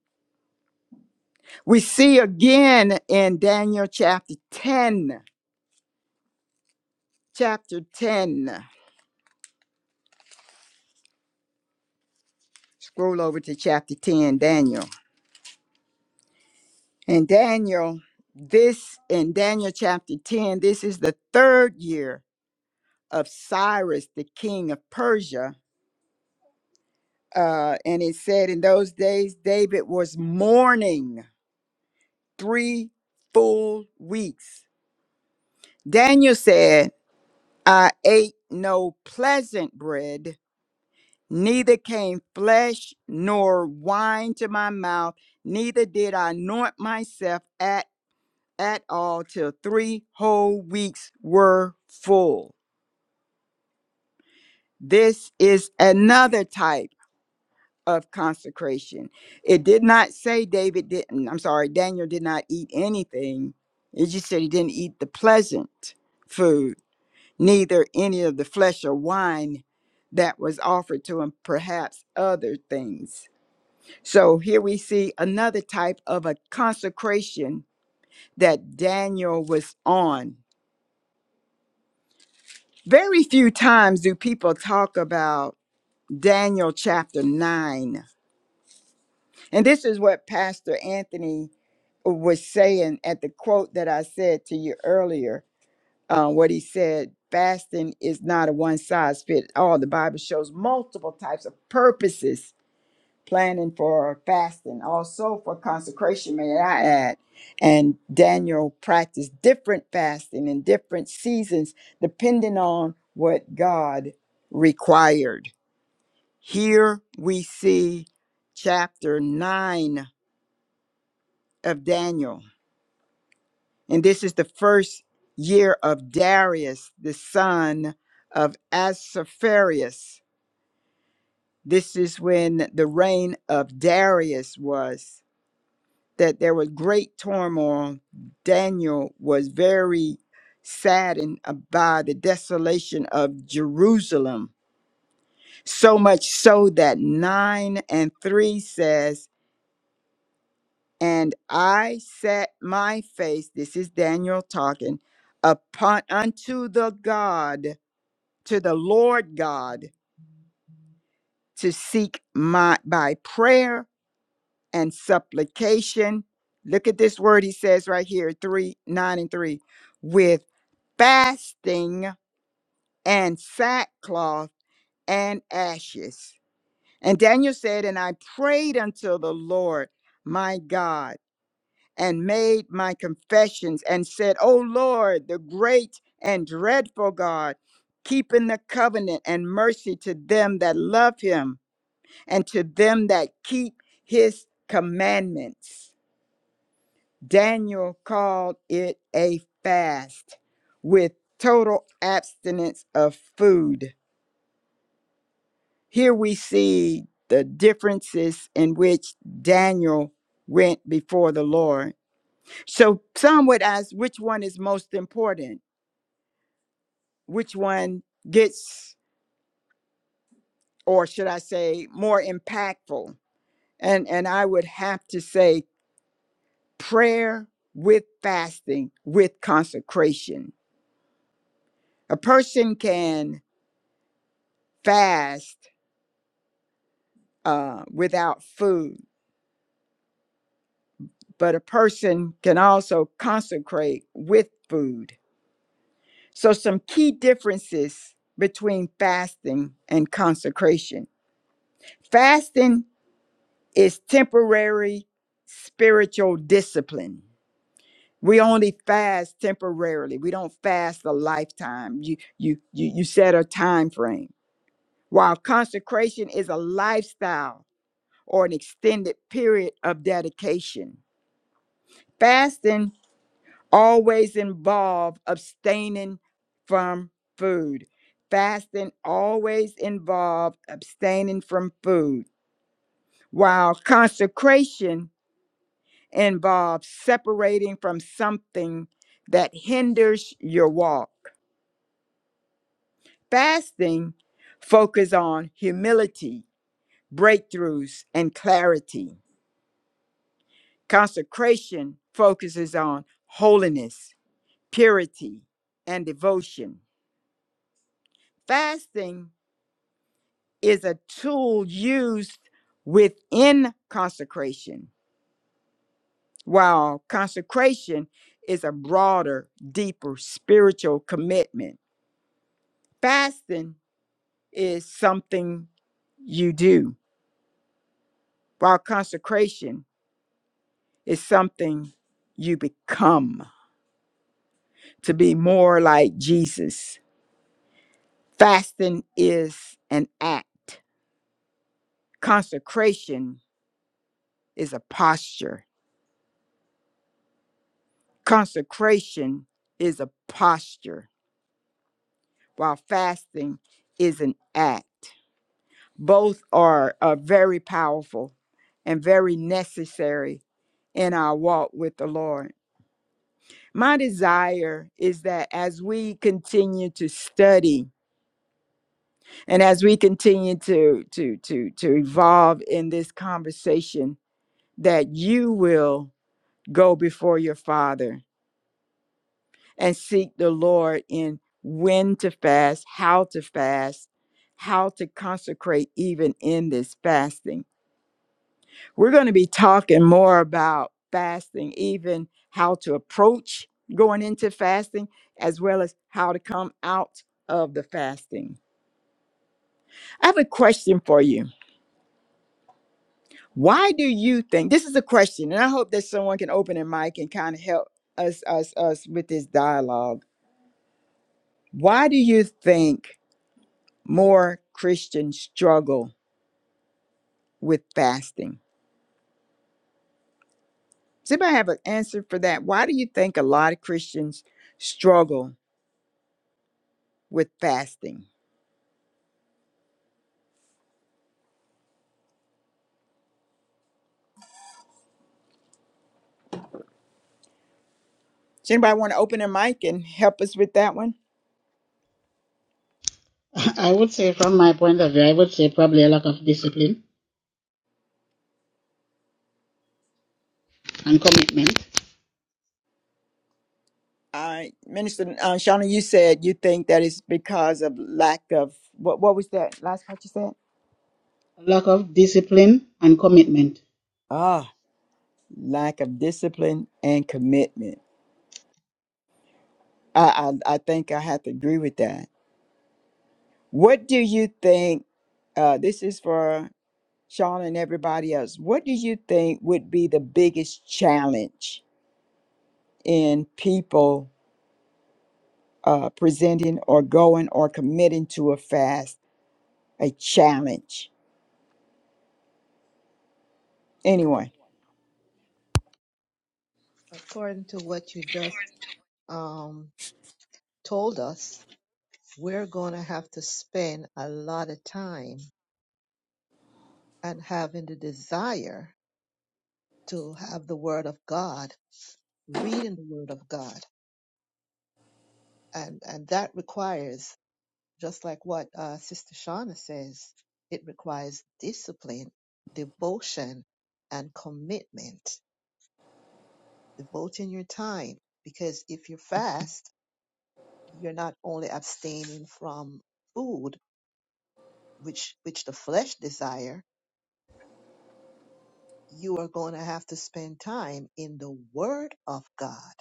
[SPEAKER 3] we see again in Daniel chapter 10, chapter 10. Scroll over to chapter 10, Daniel. And Daniel, this in Daniel chapter 10, this is the third year of Cyrus, the king of Persia. Uh, and it said, In those days, David was mourning three full weeks. Daniel said, I ate no pleasant bread Neither came flesh nor wine to my mouth, neither did I anoint myself at, at all till three whole weeks were full. This is another type of consecration. It did not say David didn't, I'm sorry, Daniel did not eat anything. It just said he didn't eat the pleasant food, neither any of the flesh or wine that was offered to him, perhaps other things So here we see another type of a consecration that Daniel was on. Very few times do people talk about Daniel chapter 9. And this is what Pastor Anthony was saying at the quote that I said to you earlier. uh, what he said, fasting is not a one size fit all. The Bible shows multiple types of purposes planning for fasting, also for consecration, may I add. And Daniel practiced different fasting in different seasons, depending on what God required. Here we see chapter 9 of Daniel. And this is the first year of Darius, the son of Ahasuerus. This is when the reign of Darius was. that there was great turmoil. Daniel was very saddened by the desolation of Jerusalem, so much so that 9 and 3 says, And I set my face, this is Daniel talking, upon unto the God, to the Lord God, to seek my by prayer and supplication. Look at this word he says right here, 3, 9 and 3, with fasting and sackcloth and ashes. And Daniel said, And I prayed unto the Lord my God and made my confessions and said, O Lord, the great and dreadful God, keeping the covenant and mercy to them that love him and to them that keep his commandments. Daniel called it a fast with total abstinence of food Here we see the differences in which Daniel went before the Lord. So some would ask which one is most important, which one gets, or should I say, more impactful. And, and I would have to say prayer with fasting, with consecration. A person can fast uh, without food, but a person can also consecrate with food So, some key differences between fasting and consecration fasting is temporary spiritual discipline. We only fast temporarily. We don't fast a lifetime. You you you you set a time frame. While consecration is a lifestyle or an extended period of dedication. Fasting always involve abstaining from food. Fasting always involves abstaining from food, while consecration involves separating from something that hinders your walk. Fasting focuses on humility, breakthroughs, and clarity. Consecration focuses on holiness, purity, and devotion. Fasting is a tool used within consecration, while consecration is a broader, deeper spiritual commitment. Fasting is something you do, while consecration is something you become to be more like Jesus. Fasting is an act, consecration is a posture. Consecration is a posture while fasting is an act. Both are, are very powerful and very necessary in our walk with the Lord. My desire is that as we continue to study and as we continue to to to to evolve in this conversation that you will go before your father and seek the Lord in when to fast, how to fast, how to consecrate even in this fasting. We're going to be talking more about fasting, even how to approach going into fasting, as well as how to come out of the fasting. I have a question for you. Why do you think this is a question, and I hope that someone can open their mic and kind of help us us us with this dialogue. Why do you think more Christians struggle with fasting. Does anybody have an answer for that? Why do you think a lot of Christians struggle with fasting? Does anybody want to open their mic and help us with that one?
[SPEAKER 4] I would say, from my point of view, I would say probably a lack of discipline and commitment.
[SPEAKER 3] Uh, Minister uh, Shauna, you said you think that is because of lack of what? What was that last part you said?
[SPEAKER 4] A lack of discipline and commitment.
[SPEAKER 3] Ah, lack of discipline and commitment. I I, I think I have to agree with that. What do you think? Uh, this is for Sean and everybody else, what do you think would be the biggest challenge in people uh, presenting or going or committing to a fast? A challenge. Anyway.
[SPEAKER 5] according to what you just um, told us, we're going to have to spend a lot of time and having the desire to have the Word of God, reading the Word of God. And, and that requires, just like what uh, Sister Shauna says, it requires discipline, devotion, and commitment, devoting your time. Because if you fast, you're not only abstaining from food, which which the flesh desire, you are going to have to spend time in the word of God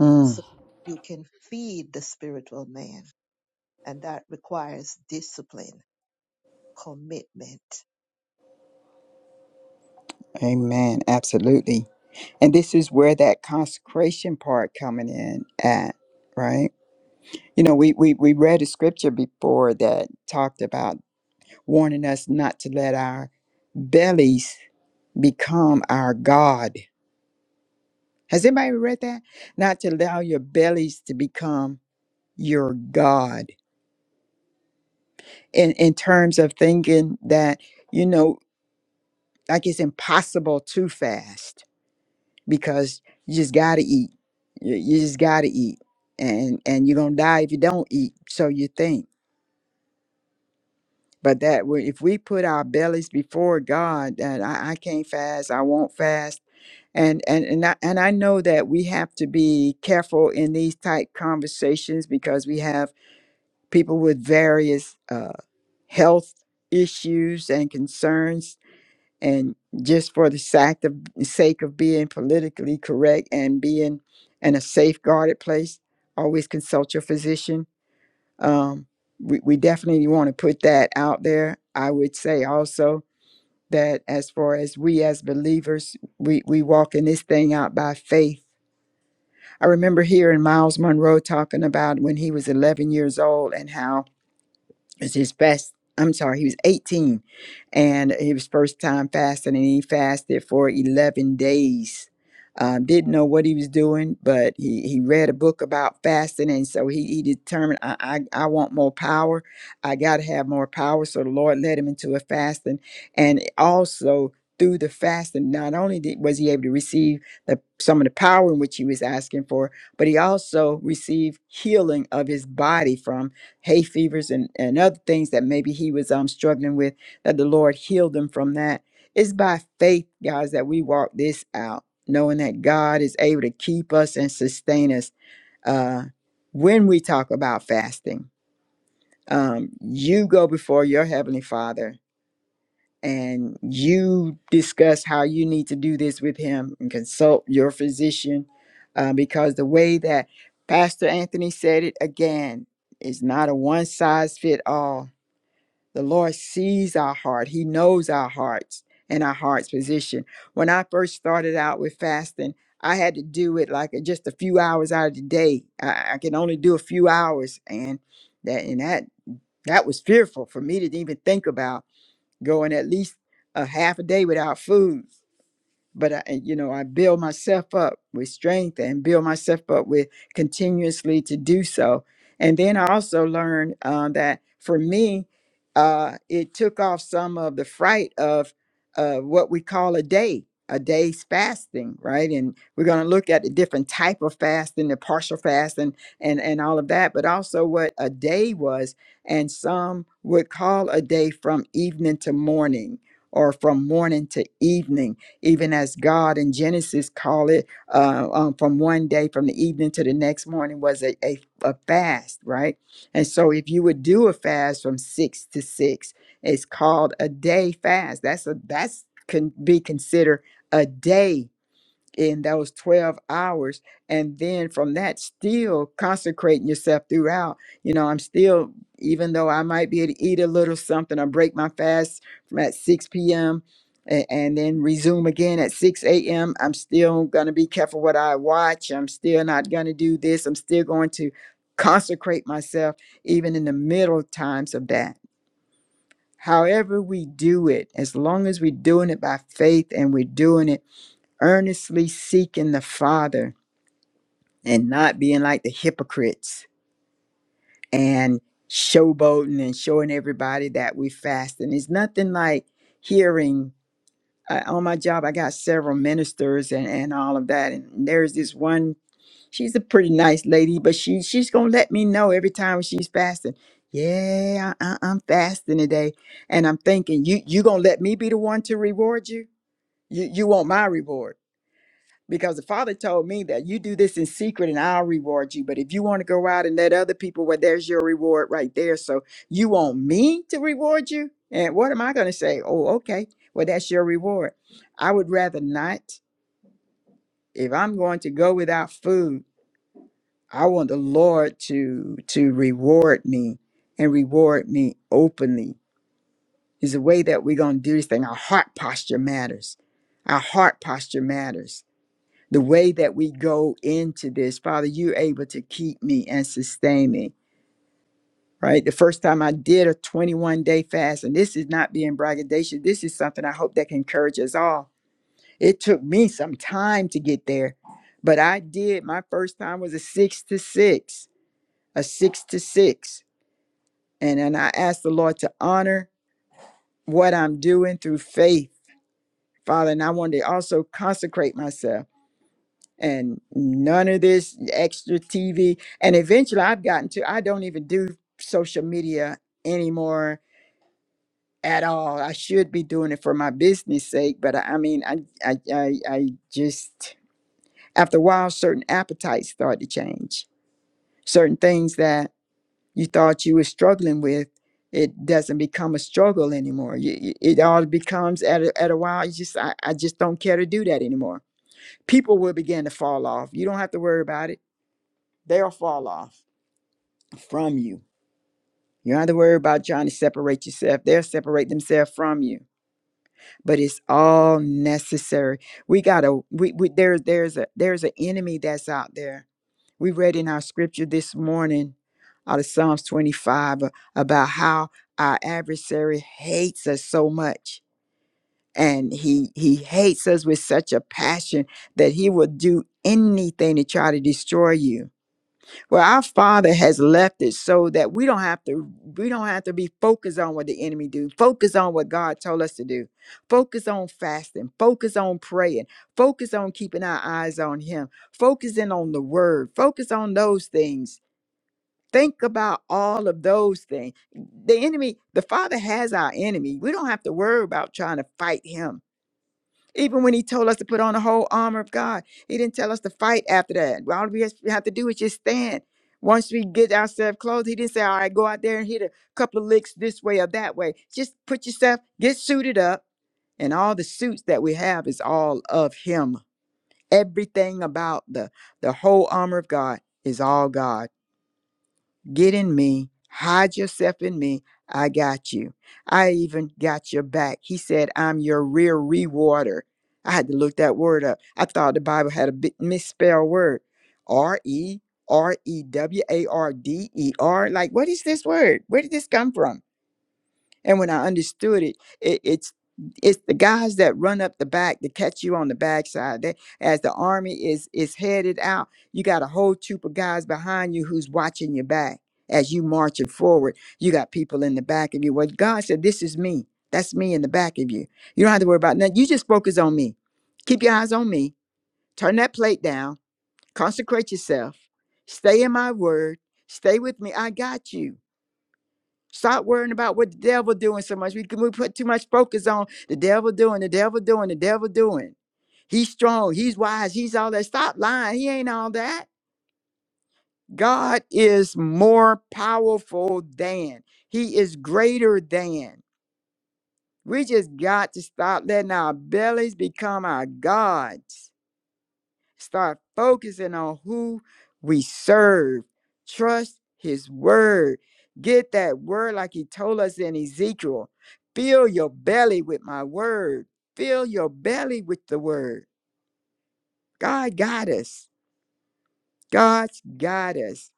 [SPEAKER 3] Mm,
[SPEAKER 5] so you can feed the spiritual man and that requires discipline, commitment.
[SPEAKER 3] amen. Absolutely. And this is where that consecration part coming in at, right? You know, we, we, we read a scripture before that talked about warning us not to let our bellies become our God Has anybody read that? Not to allow your bellies to become your God in, in terms of thinking that, you know, like it's impossible to fast because you just got to eat. You, you just got to eat. And, and you're going to die if you don't eat. So you think. But that we- if we put our bellies before God, that I, I can't fast, I won't fast. And, and and I, and I know that we have to be careful in these type conversations because we have people with various uh, health issues and concerns, and just for the sac- of- sake of being politically correct and being in a safeguarded place, always consult your physician. Um, we, we definitely want to put that out there. I would say also that as far as we as believers, we, we walk in this thing out by faith. I remember hearing Miles Monroe talking about when he was 11 years old and how It's his best i'm sorry he was 18 and it was first time fasting and he fasted for 11 days um, didn't know what he was doing but he, he read a book about fasting and so he, he determined I, I, I want more power i got to have more power so the lord led him into a fasting and also through the fasting not only did, was he able to receive the, some of the power in which he was asking for but he also received healing of his body from hay fevers and, and other things that maybe he was um struggling with, that the Lord healed him from that. It's by faith, guys, that we walk this out, knowing that God is able to keep us and sustain us uh when we talk about fasting. Um, you go before your heavenly father and you discuss how you need to do this with him and consult your physician uh, because the way that Pastor Anthony said it again is not a one size fit all the Lord sees our heart. He knows our hearts and our heart's position. When I first started out with fasting, I had to do it like just a few hours out of the day. I, I can only do a few hours, and that and that that was fearful for me to even think about going at least a half a day without food but I, and, you know, I build myself up with strength and build myself up with continuously to do so. And then I also learned um, that for me, uh, it took off some of the fright of uh, what we call a day, a day's fasting, right? And we're going to look at the different type of fasting, the partial fast, and and and all of that, but also what a day was. And some would call a day from evening to morning or from morning to evening even as God in Genesis call it uh, um, from one day, from the evening to the next morning was a, a, a fast, right? And so if you would do a fast from six to six, it's called a day fast. That's a that's can be considered a day in those 12 hours and then from that still consecrating yourself throughout you know i'm still even though i might be able to eat a little something or break my fast from at 6 p.m and, and then resume again at 6 a.m i'm still going to be careful what i watch i'm still not going to do this i'm still going to consecrate myself even in the middle times of that however we do it as long as we're doing it by faith and we're doing it earnestly seeking the Father and not being like the hypocrites and showboating and showing everybody that we fast. And it's nothing like hearing uh, on my job, I got several ministers and, and all of that. And there's this one, she's a pretty nice lady, but she she's going to let me know every time she's fasting. Yeah, I, I- I'm fasting today. And I'm thinking, you you going to let me be the one to reward you? You, you want my reward because the father told me that you do this in secret and I'll reward you. But if you want to go out and let other people, well, there's your reward right there. So you want me to reward you? And what am I going to say? Oh, okay. Well, that's your reward. I would rather not. If I'm going to go without food, I want the Lord to to reward me and reward me openly. Is the way that we're going to do this thing. Our heart posture matters. Our heart posture matters the way that we go into this, Father, you're able to keep me and sustain me. Right. The first time I did a 21 day fast, and this is not being braggadocious, this is something I hope that can encourage us all. It took me some time to get there, but I did. My first time was a six to six, a six to six. And then I asked the Lord to honor what I'm doing through faith, Father. And I wanted to also consecrate myself. and none of this extra TV. And eventually I've gotten to, I don't even do social media anymore at all. I should be doing it for my business sake, but I, I mean, I, I, I, I just, after a while, certain appetites start to change. Certain things that you thought you were struggling with, it doesn't become a struggle anymore. You, you- it all becomes at a, at a while. You just, I, I just don't care to do that anymore. People will begin to fall off. You don't have to worry about it They'll fall off from you. You don't have to worry about trying to separate yourself. They'll separate themselves from you. But it's all necessary. We gotta we, we there there's a there's an enemy that's out there. We read in our scripture this morning out of Psalms 25 a- about how our adversary hates us so much. And he he hates us with such a passion that he will do anything to try to destroy you Well, our Father has left it so that we don't have to we don't have to be focused on what the enemy do. Focus on what God told us to do. Focus on fasting. Focus on praying. Focus on keeping our eyes on Him. Focus in on the Word. Focus on those things. Think about all of those things. The enemy, the Father has our enemy. We don't have to worry about trying to fight him even when he told us to put on the whole armor of God, he didn't tell us to fight after that. All we has- have to do is just stand. Once we get ourselves clothed, he didn't say, all right, go out there and hit a couple of licks this way or that way. Just put yourself, get suited up. And all the suits that we have is all of him. Everything about the, the whole armor of God is all God. Get in me. Hide yourself in me. I got you. I even got your back. He said, I'm your real rewarder. I had to look that word up. I thought the Bible had a bit misspelled word. R E R E W A R D E R. Like, what is this word? Where did this come from? And when I understood it, it it's it's the guys that run up the back to catch you on the backside. That as the army is is headed out, you got a whole troop of guys behind you who's watching your back as you marching forward. You got people in the back of you. Well, God said, "This is me. That's me in the back of you. You don't have to worry about nothing. You just focus on me. Keep your eyes on me. Turn that plate down. Consecrate yourself. Stay in my word. Stay with me. I got you." Stop worrying about what the devil doing so much. We can- we put too much focus on the devil doing, the devil doing, the devil doing. He's strong, he's wise, he's all that. Stop lying. He ain't all that. God is more powerful than. He is greater than. We just got to stop letting our bellies become our gods Start focusing on who we serve. Trust his word. Get that word like he told us in Ezekiel. Fill your belly with my word. Fill your belly with the word. God got us. God's got us.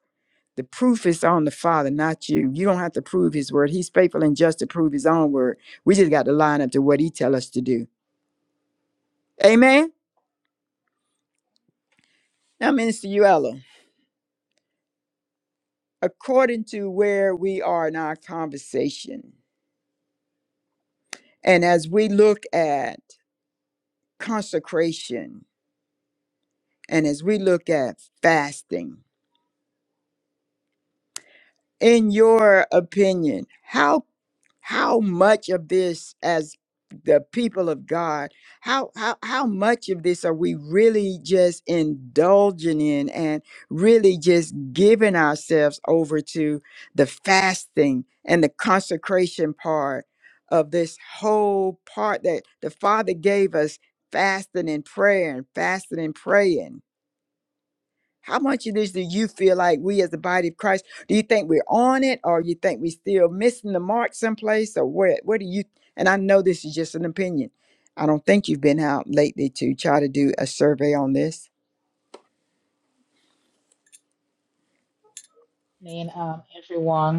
[SPEAKER 3] The proof is on the Father, not you. You don't have to prove his word. He's faithful and just to prove his own word. We just got to line up to what he tell us to do. Amen. Now, Minister Uella, according to where we are in our conversation. And as we look at consecration and as we look at fasting, in your opinion, how how much of this as the people of god how how how much of this are we really just indulging in and really just giving ourselves over to the fasting and the consecration part of this whole part that the father gave us fasting and prayer and fasting and praying how much of this do you feel like we as the body of Christ? Do you think we're on it or you think we still missing the mark someplace or where what do you and I know this is just an opinion. I don't think you've been out lately to try to do a survey on this.
[SPEAKER 2] And um, everyone.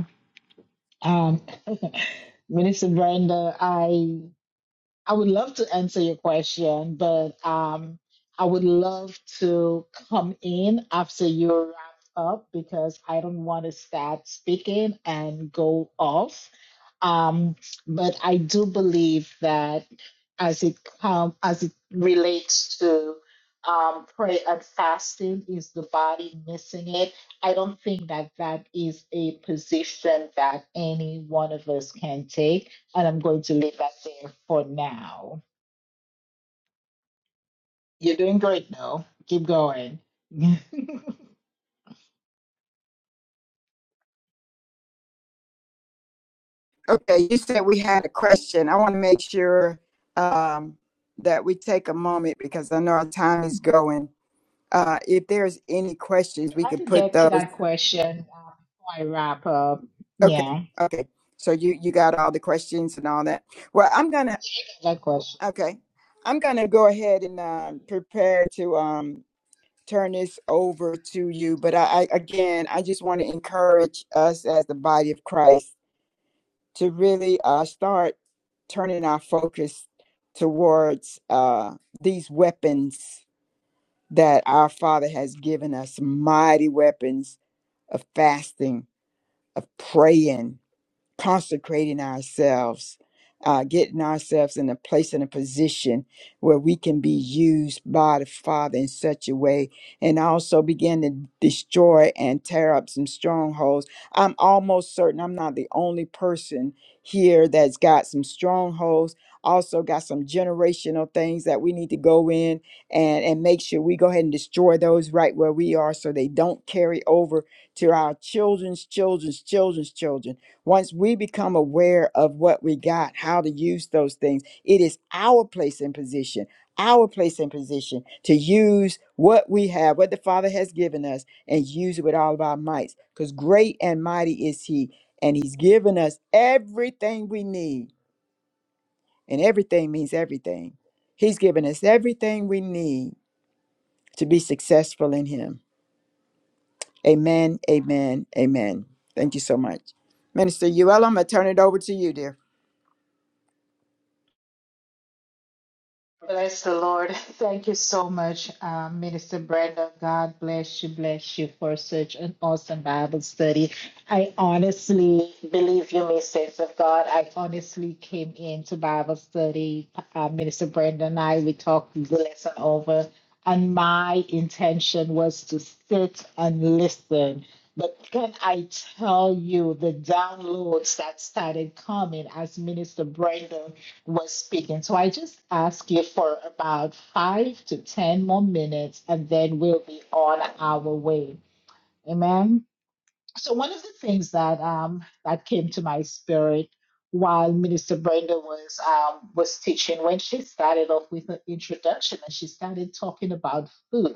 [SPEAKER 2] Um, Minister Brenda, I I would love to answer your question, but um, I would love to come in after you wrap up because I don't want to start speaking and go off. Um, but I do believe that as it come, as it relates to um, prayer and fasting, is the body missing it? I don't think that that is a position that any one of us can take and I'm going to leave that there for now. You're doing great though. Keep going. so
[SPEAKER 3] Okay, you said we had a question. I want to make sure um, that we take a moment because I know our time is going. Uh, if there's any questions, we
[SPEAKER 2] I
[SPEAKER 3] can
[SPEAKER 2] could
[SPEAKER 3] put
[SPEAKER 2] get to
[SPEAKER 3] those.
[SPEAKER 2] that question uh, before I wrap up.
[SPEAKER 3] Okay,
[SPEAKER 2] Yeah,
[SPEAKER 3] okay. So you you got all the questions and all that. Well, I'm gonna
[SPEAKER 2] that question.
[SPEAKER 3] Okay. I'm going to go ahead and um, prepare to um, turn this over to you. But I, I again, I just want to encourage us as the body of Christ to really uh, start turning our focus towards uh, these weapons that our Father has given us mighty weapons of fasting, of praying, consecrating ourselves, uh, getting ourselves in a place and a position where we can be used by the Father in such a way, and also begin to destroy and tear up some strongholds. I'm almost certain I'm not the only person here that's got some strongholds. Also got some generational things that we need to go in and, and make sure we go ahead and destroy those right where we are so they don't carry over to our children's children's children's children once we become aware of what we got, how to use those things, it is our place and position, our place and position to use what we have, what the Father has given us, and use it with all of our mights. Because great and mighty is He, and He's given us everything we need. And everything means everything. He's given us everything we need to be successful in Him. Amen, amen, amen. Thank you so much. Minister Uella, I'm going to turn it over to you, dear.
[SPEAKER 2] Bless the Lord. Thank you so much, uh, Minister Brenda. God bless you, bless you for such an awesome Bible study. I honestly believe you, me, saints of God. I honestly came into Bible study. Uh, Minister Brenda and I, we talked the lesson over, and my intention was to sit and listen. But can I tell you the downloads that started coming as Minister Brenda? was speaking. So I just ask you for about five to 10 more minutes and then we'll be on our way. Amen. So one of the things that um that came to my spirit while Minister Brenda was um was teaching when she started off with an introduction and she started talking about food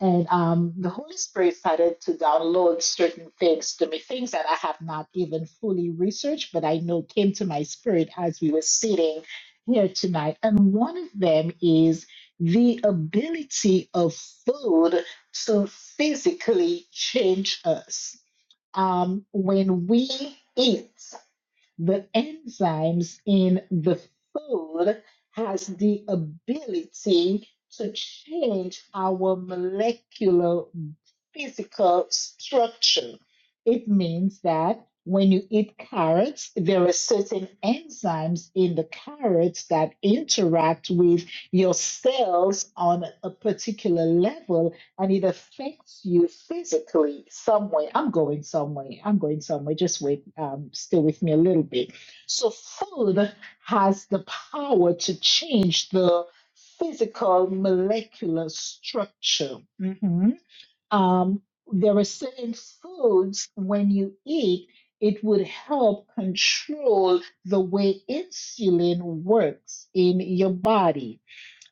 [SPEAKER 2] and um, the Holy Spirit started to download certain things to me, things that I have not even fully researched, but I know came to my spirit as we were sitting here tonight. And one of them is the ability of food to physically change us. Um, when we eat, the enzymes in the food has the ability to change our molecular physical structure. It means that when you eat carrots, there are certain enzymes in the carrots that interact with your cells on a particular level and it affects you physically some way. I'm going somewhere. I'm going somewhere. Just wait. Um, stay with me a little bit. So food has the power to change the physical molecular structure. Mhm. Um, there are certain foods when you eat, it would help control the way insulin works in your body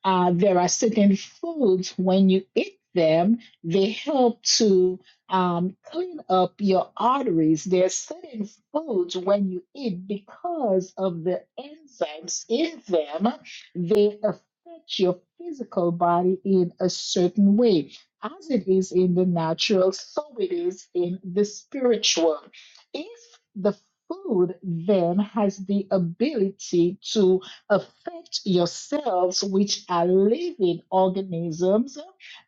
[SPEAKER 2] uh, there are certain foods when you eat them, they help to um, clean up your arteries. There are certain foods when you eat because of the enzymes in them, they affect your physical body in a certain way. As it is in the natural, so it is in the spiritual. If the food then has the ability to affect yourselves, which are living organisms,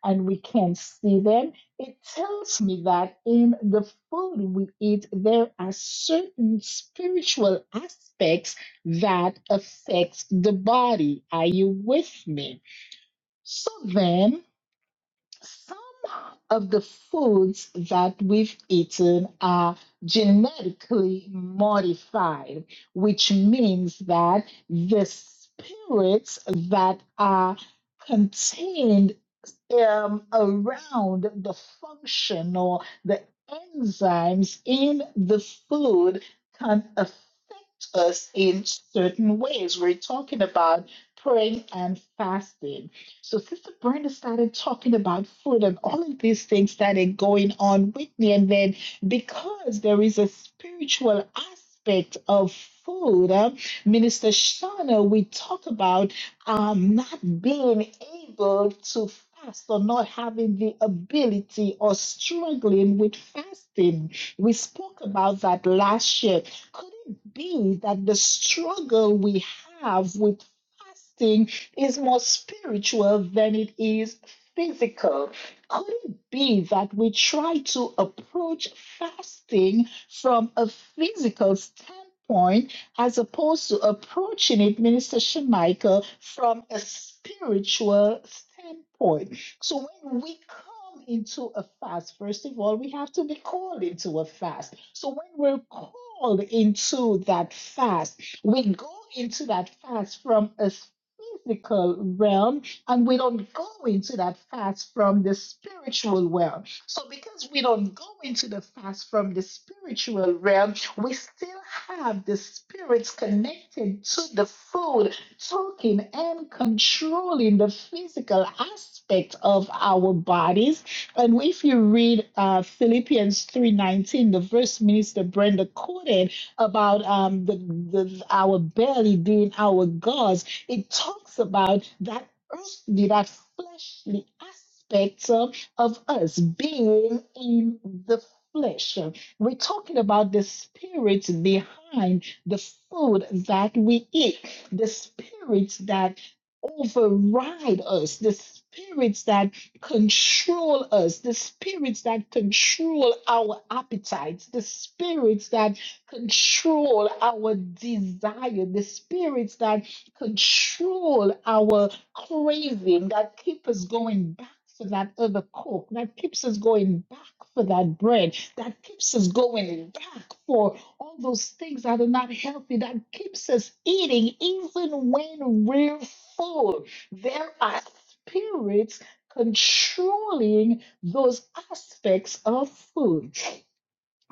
[SPEAKER 2] and we can see them. It tells me that in the food we eat, there are certain spiritual aspects that affect the body. Are you with me? So then, some of the foods that we've eaten are genetically modified, which means that the spirits that are contained um, around the function or the enzymes in the food can affect us in certain ways. We're talking about praying and fasting. So Sister Brenda started talking about food and all of these things started going on with me. And then because there is a spiritual aspect of food, uh, Minister Shana, we talk about um, not being able to fast or not having the ability or struggling with fasting. We spoke about that last year. Could it be that the struggle we have with fasting is more spiritual than it is physical? Could it be that we try to approach fasting from a physical standpoint? as opposed to approaching it, Minister Shemichael, from a spiritual standpoint. So when we come into a fast, first of all, we have to be called into a fast. So when we're called into that fast, we go into that fast from a physical realm and we don't go into that fast from the spiritual realm. So, because we don't go into the fast from the spiritual realm, we still have the spirits connected to the food, talking and controlling the physical aspect of our bodies. And if you read uh, Philippians three nineteen, the verse Minister Brenda quoted about um, the, the our belly being our gods, it talks about that earthly, that fleshly aspect of us being in the flesh. We're talking about the spirit behind the food that we eat, the spirits that override us, the spirits that control us, the spirits that control our appetites, the spirits that control our desire, the spirits that control our craving that keeps us going back for that other coke, that keeps us going back for that bread, that keeps us going back for all those things that are not healthy, that keeps us eating even when we're full. There are spirits controlling those aspects of food.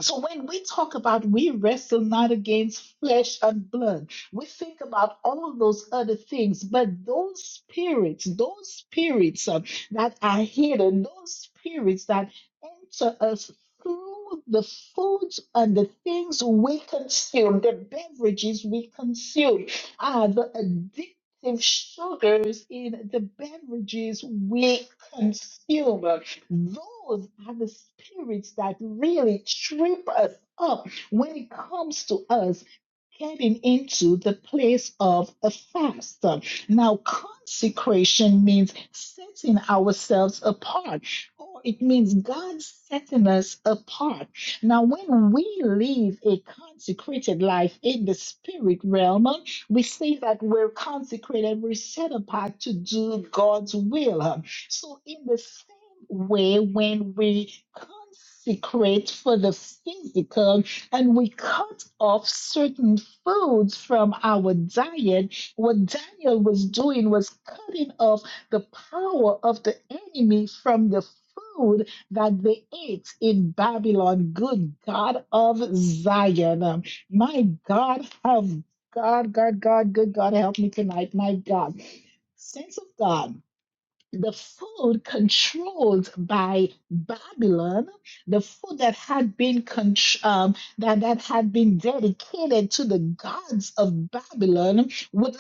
[SPEAKER 2] So when we talk about we wrestle not against flesh and blood, we think about all those other things, but those spirits, those spirits uh, that are hidden, those spirits that enter us through the foods and the things we consume, the beverages we consume, are the addictive sugars in the beverages we consume. Those are the spirits that really trip us up when it comes to us getting into the place of a fast. Now, consecration means setting ourselves apart, or it means God setting us apart. Now, when we live a consecrated life in the spirit realm, we say that we're consecrated, we're set apart to do God's will. So, in the way when we consecrate for the physical and we cut off certain foods from our diet. What Daniel was doing was cutting off the power of the enemy from the food that they ate in Babylon. Good God of Zion. Um, My God, have God, God, God, good God, help me tonight. My God. Saints of God the food controlled by Babylon, the food that had been contr- um, that, that had been dedicated to the gods of Babylon, would not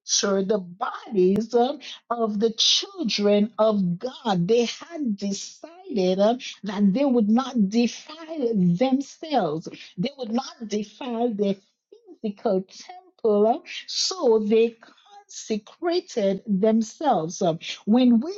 [SPEAKER 2] enter the bodies um, of the children of God. They had decided um, that they would not defile themselves, they would not defile their physical temple, um, so they consecrated themselves. Um, When we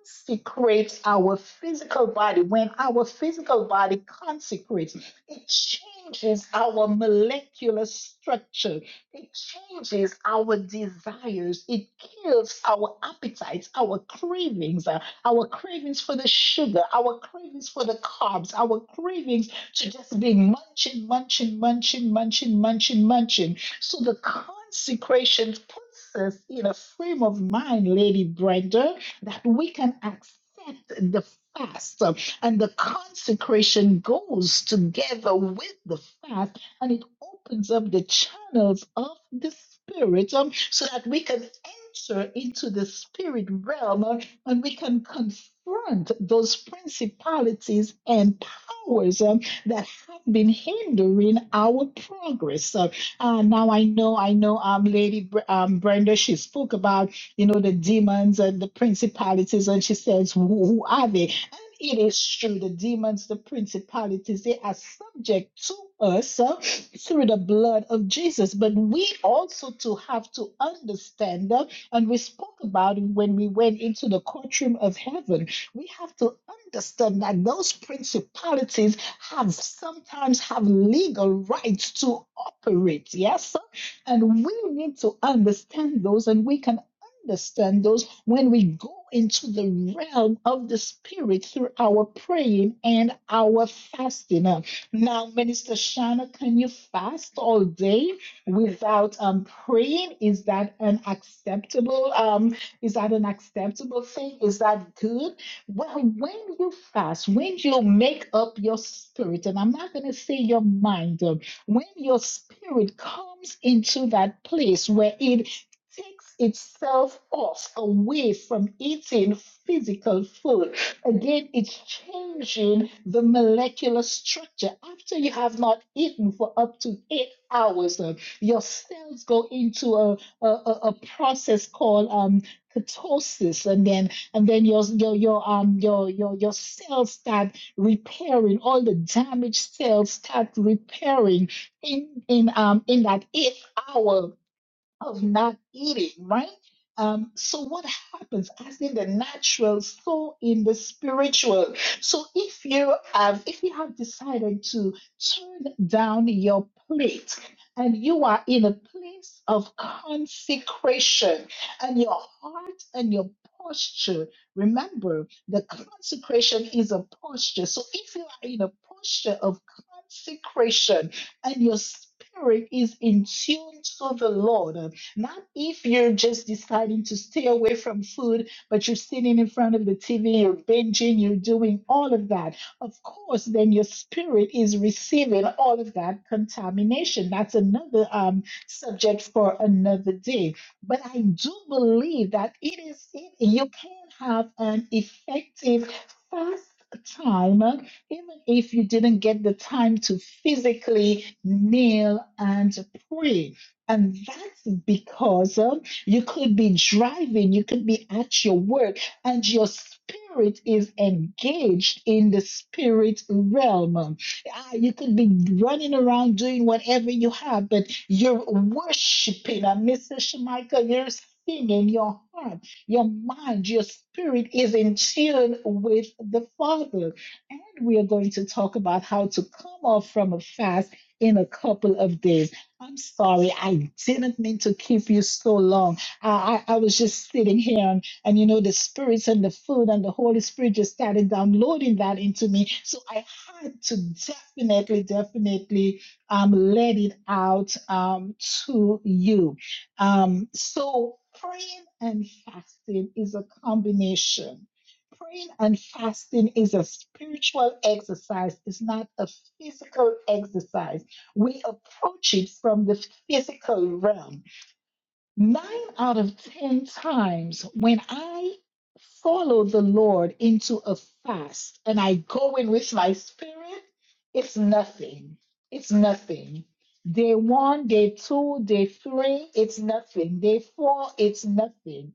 [SPEAKER 2] consecrate our physical body, when our physical body consecrates, it changes our molecular structure it changes our desires. It kills our appetites, our cravings, uh, our cravings for the sugar, our cravings for the carbs, our cravings to just be munching, munching, munching, munching, munching, munching. So the consecration puts us in a frame of mind, Lady Brenda, that we can accept the fast. uh, And the consecration goes together with the fast and it opens up the channels of the spirit um, so that we can enter into the spirit realm uh, and we can confront those principalities and powers um, that have been hindering our progress. Uh, uh, now I know, I know, um, Lady Br- um, Brenda, she spoke about, you know, the demons and the principalities, and she says, who, who are they? And it is true, the demons, the principalities, they are subject to us. uh, through the blood of Jesus. But we also to have to understand them, and we spoke about it when we went into the courtroom of heaven. We have to understand that those principalities have sometimes have legal rights to operate. Yes, and we need to understand those, and we can understand those when we go into the realm of the spirit through our praying and our fasting. uh, now, Minister Shana, can you fast all day without um praying? Is that an acceptable um is that an acceptable thing? Is that good? Well, when you fast, when you make up your spirit, and I'm not gonna say your mind, um, when your spirit comes into that place where it takes itself off away from eating physical food Again, it's changing the molecular structure. After you have not eaten for up to eight hours, uh, your cells go into a, a, a a process called um, ketosis, and then and then your your your um your your your cells start repairing. All the damaged cells start repairing in in um in that eighth hour of not eating, right? Um, so what happens? As in the natural, so in the spiritual. So if you have, if you have decided to turn down your plate and you are in a place of consecration and your heart and your posture, remember the consecration is a posture. So if you are in a posture of consecration and your spirit is in tune to the Lord, not if you're just deciding to stay away from food, but you're sitting in front of the TV, you're binging, you're doing all of that. Of course, then your spirit is receiving all of that contamination. That's another um, subject for another day. But I do believe that it is it, you can have an effective fast time uh, even if you didn't get the time to physically kneel and pray and that's because um, you could be driving, you could be at your work, and your spirit is engaged in the spirit realm. Um, ah, You could be running around doing whatever you have, but you're worshiping. And Mr. Shemichael, you're singing your heart, your mind, your spirit is in tune with the Father. And we are going to talk about how to come off from a fast in a couple of days. I'm sorry, I didn't mean to keep you so long. I, I, I was just sitting here, and, and you know, the spirits and the food and the Holy Spirit just started downloading that into me. So I had to definitely, definitely um, let it out um, to you. Um, so praying and fasting is a combination. Praying and fasting is a spiritual exercise, it's not a physical exercise we approach it from the physical realm. Nine out of 10 times when I follow the Lord into a fast and I go in with my spirit, it's nothing. It's nothing. Day one, day two, day three, it's nothing. Day four, it's nothing.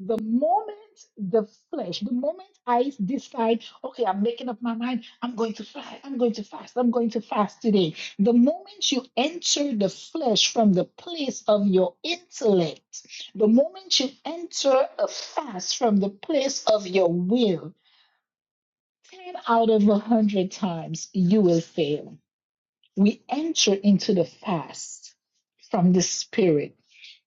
[SPEAKER 2] The moment the flesh, the moment I decide, okay, I'm making up my mind, I'm going to fast, I'm going to fast, I'm going to fast today the moment you enter the flesh from the place of your intellect, the moment you enter a fast from the place of your will, 10 out of a 100 times you will fail we enter into the fast from the Spirit.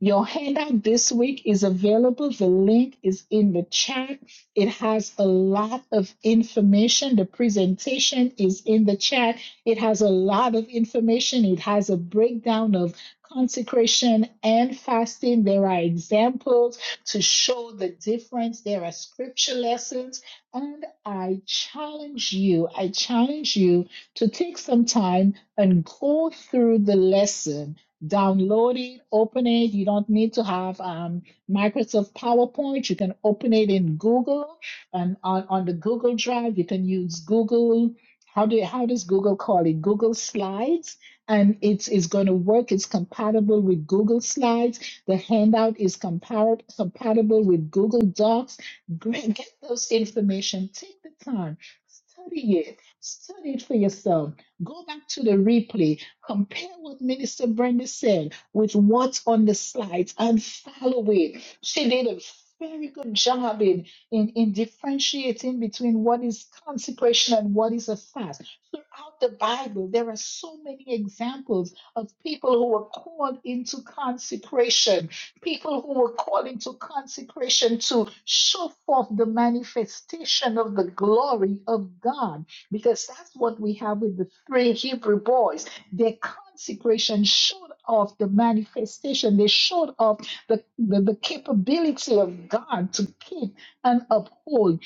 [SPEAKER 2] Your handout this week is available. The link is in the chat. It has a lot of information. The presentation is in the chat. It has a lot of information. It has a breakdown of consecration and fasting. There are examples to show the difference. There are scripture lessons. And I challenge you, I challenge you to take some time and go through the lesson, download it, open it. You don't need to have um, Microsoft PowerPoint. You can open it in Google and on, on the Google Drive. You can use Google. How do how does Google call it? Google Slides, and it's it's going to work. It's compatible with Google Slides. The handout is compar- compatible with Google Docs. Great, get those information. Take the time, study it, study it for yourself Go back to the replay, compare what Minister Brenda said with what's on the slides and follow it. She did a very good job in, in, in differentiating between what is consecration and what is a fast. Throughout the Bible, there are so many examples of people who were called into consecration, people who were called into consecration to show forth the manifestation of the glory of God because that's what we have with the three Hebrew boys. Their consecration showed off the manifestation, they showed off the, the, the capability of God to keep and uphold.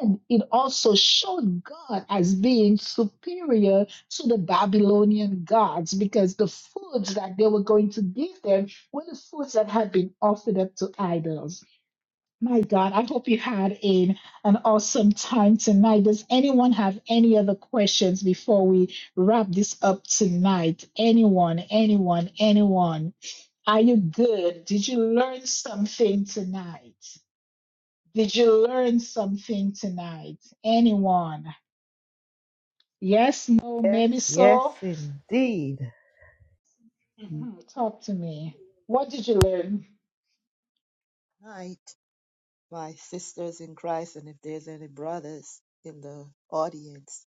[SPEAKER 2] And it also showed God as being superior to the Babylonian gods because the foods that they were going to give them were the foods that had been offered up to idols. My God, I hope you had a, an awesome time tonight. Does anyone have any other questions before we wrap this up tonight? Anyone, anyone, anyone? Are you good? Did you learn something tonight? Did you learn something tonight? Anyone? Yes, no,
[SPEAKER 5] Yes,
[SPEAKER 2] maybe
[SPEAKER 5] yes,
[SPEAKER 2] so?
[SPEAKER 5] indeed.
[SPEAKER 2] Mhm, Talk to me. What did you learn?
[SPEAKER 5] Night, my sisters in Christ and if there's any brothers in the audience,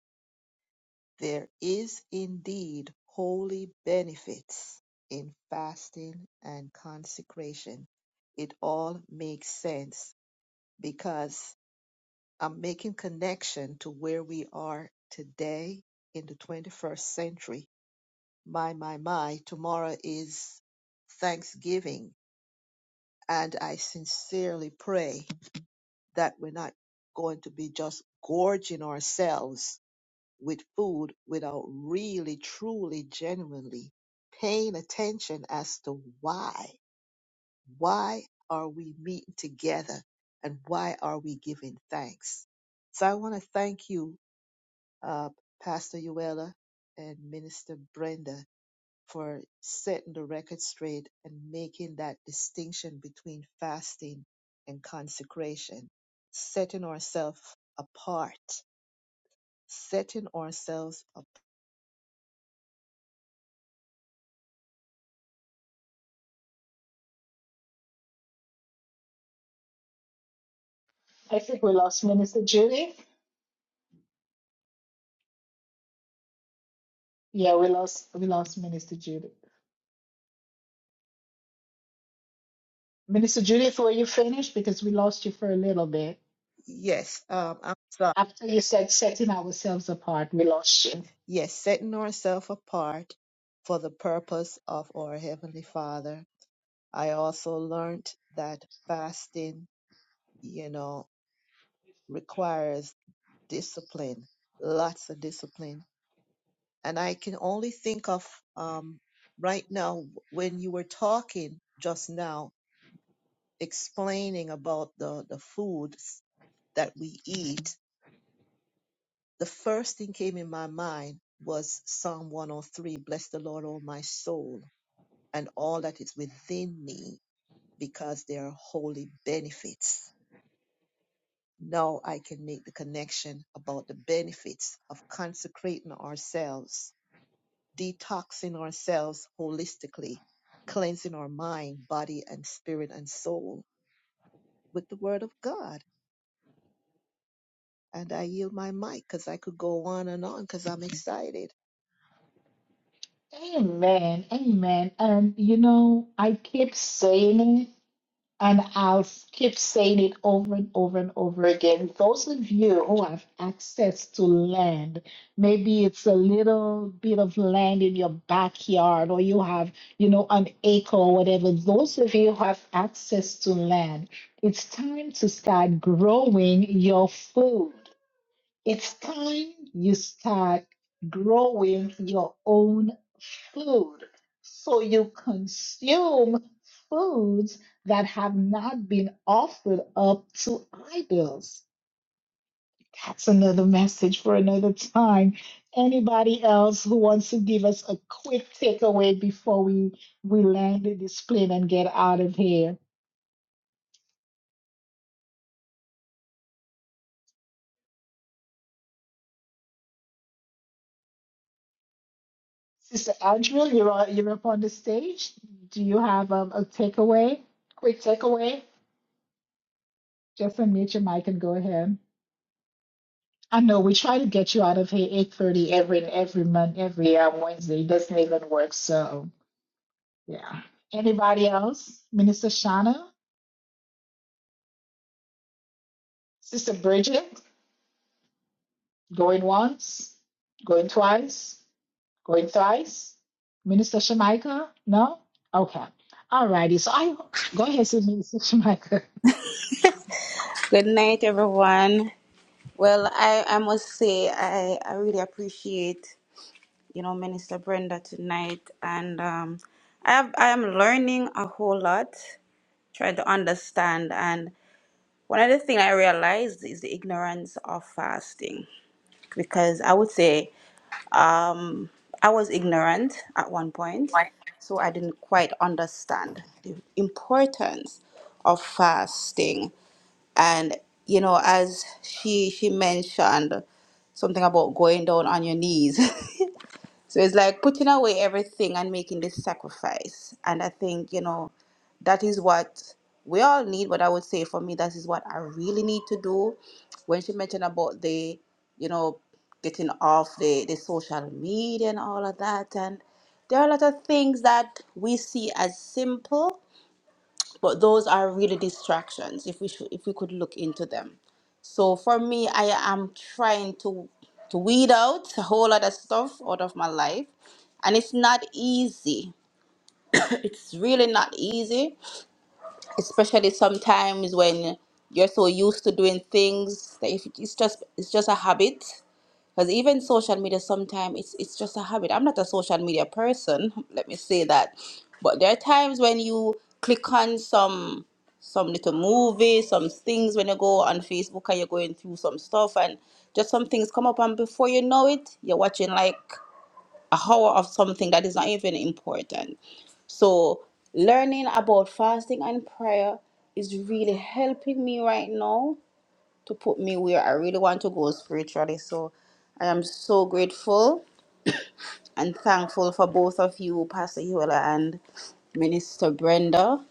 [SPEAKER 5] There is indeed holy benefits in fasting and consecration. It all makes sense because I'm making connection to where we are today in the 21st century. My, my, my, tomorrow is Thanksgiving. And I sincerely pray that we're not going to be just gorging ourselves with food without really, truly, genuinely paying attention as to why. Why are we meeting together and why are we giving thanks? So I want to thank you, uh, Pastor Uella and Minister Brenda, for setting the record straight and making that distinction between fasting and consecration, setting ourselves apart, setting ourselves
[SPEAKER 2] I think we lost Minister Judy. Yeah, we lost we lost Minister Judy. Minister Judith, were you finished? Because we lost you for a little bit.
[SPEAKER 5] Yes, um, I'm sorry.
[SPEAKER 2] After you said setting ourselves apart, we lost you.
[SPEAKER 5] Yes, setting ourselves apart for the purpose of our Heavenly Father. I also learned that fasting, you know, requires discipline, lots of discipline. And I can only think of um, right now when you were talking just now, explaining about the, the foods that we eat. the first thing came in my mind was Psalm 103 Bless the Lord, all my soul, and all that is within me, because they are holy benefits. Now I can make the connection about the benefits of consecrating ourselves, detoxing ourselves holistically, cleansing our mind, body, and spirit and soul with the Word of God. And I yield my mic because I could go on and on because I'm excited.
[SPEAKER 2] Amen. Amen. And you know, I keep saying it. And I'll keep saying it over and over and over again. Those of you who have access to land, maybe it's a little bit of land in your backyard, or you have, you know, an acre or whatever. Those of you who have access to land, it's time to start growing your food. It's time you start growing your own food so you consume foods that have not been offered up to idols. That's another message for another time. Anybody else who wants to give us a quick takeaway before we, we land this plane and get out of here? Sister Andrew, you're, on- you're up on the stage. Do you have um, a takeaway? Quick takeaway? Just unmute your mic and go ahead. I know we try to get you out of here 8:30 every every month, every um, Wednesday. It doesn't even work. So yeah. Anybody else? Minister Shauna, Sister Bridget, going once, going twice, going thrice. Minister Shemaika, no? Okay. All righty. So I go ahead, Sister Minister Shemaika.
[SPEAKER 6] Good night, everyone. Well, I, I must say I, I really appreciate you know Minister Brenda tonight, and um, I have, I am learning a whole lot, trying to understand. And one of the things I realized is the ignorance of fasting, because I would say um, I was ignorant at one point,
[SPEAKER 7] All
[SPEAKER 6] so I didn't quite understand the importance of fasting and you know as she she mentioned something about going down on your knees so it's like putting away everything and making this sacrifice and i think you know that is what we all need but i would say for me that is what i really need to do when she mentioned about the you know getting off the the social media and all of that and there are a lot of things that we see as simple but those are really distractions if we should if we could look into them so for me i am trying to to weed out a whole lot of stuff out of my life and it's not easy it's really not easy especially sometimes when you're so used to doing things that if it's just it's just a habit because even social media, sometimes it's it's just a habit. I'm not a social media person. Let me say that. But there are times when you click on some some little movies, some things when you go on Facebook and you're going through some stuff and just some things come up and before you know it, you're watching like a hour of something that is not even important. So learning about fasting and prayer is really helping me right now to put me where I really want to go spiritually. So I am so grateful and thankful for both of you, Pastor Yola and Minister Brenda.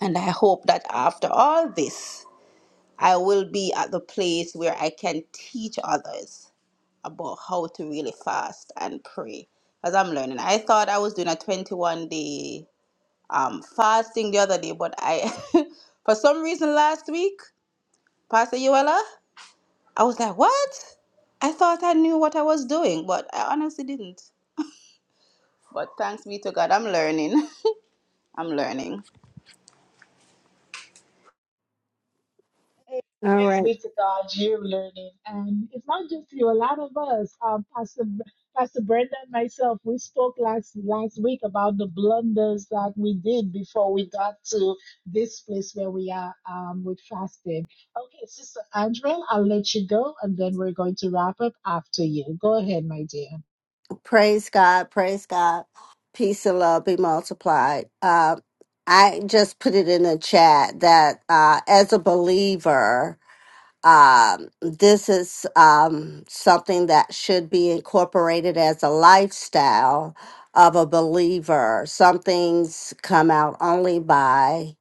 [SPEAKER 6] And I hope that after all this, I will be at the place where I can teach others about how to really fast and pray. As I'm learning, I thought I was doing a 21 day um, fasting the other day, but I, for some reason last week, Pastor Yola. I was like, what? I thought I knew what I was doing, but I honestly didn't. But thanks be to God, I'm learning. I'm learning.
[SPEAKER 2] Hey, Thanks
[SPEAKER 7] right.
[SPEAKER 2] be to God, you're learning. And it's not just you, a lot of us, um, Pastor, Pastor Brenda and myself, we spoke last, last week about the blunders that we did before we got to this place where we are um, with fasting. Okay, Sister Andrea, I'll let you go, and then we're going to wrap up after you. Go ahead, my dear.
[SPEAKER 7] Praise God. Praise God. Peace and love be multiplied. Um, I just put it in the chat that uh, as a believer, um, this is um, something that should be incorporated as a lifestyle of a believer. Some things come out only by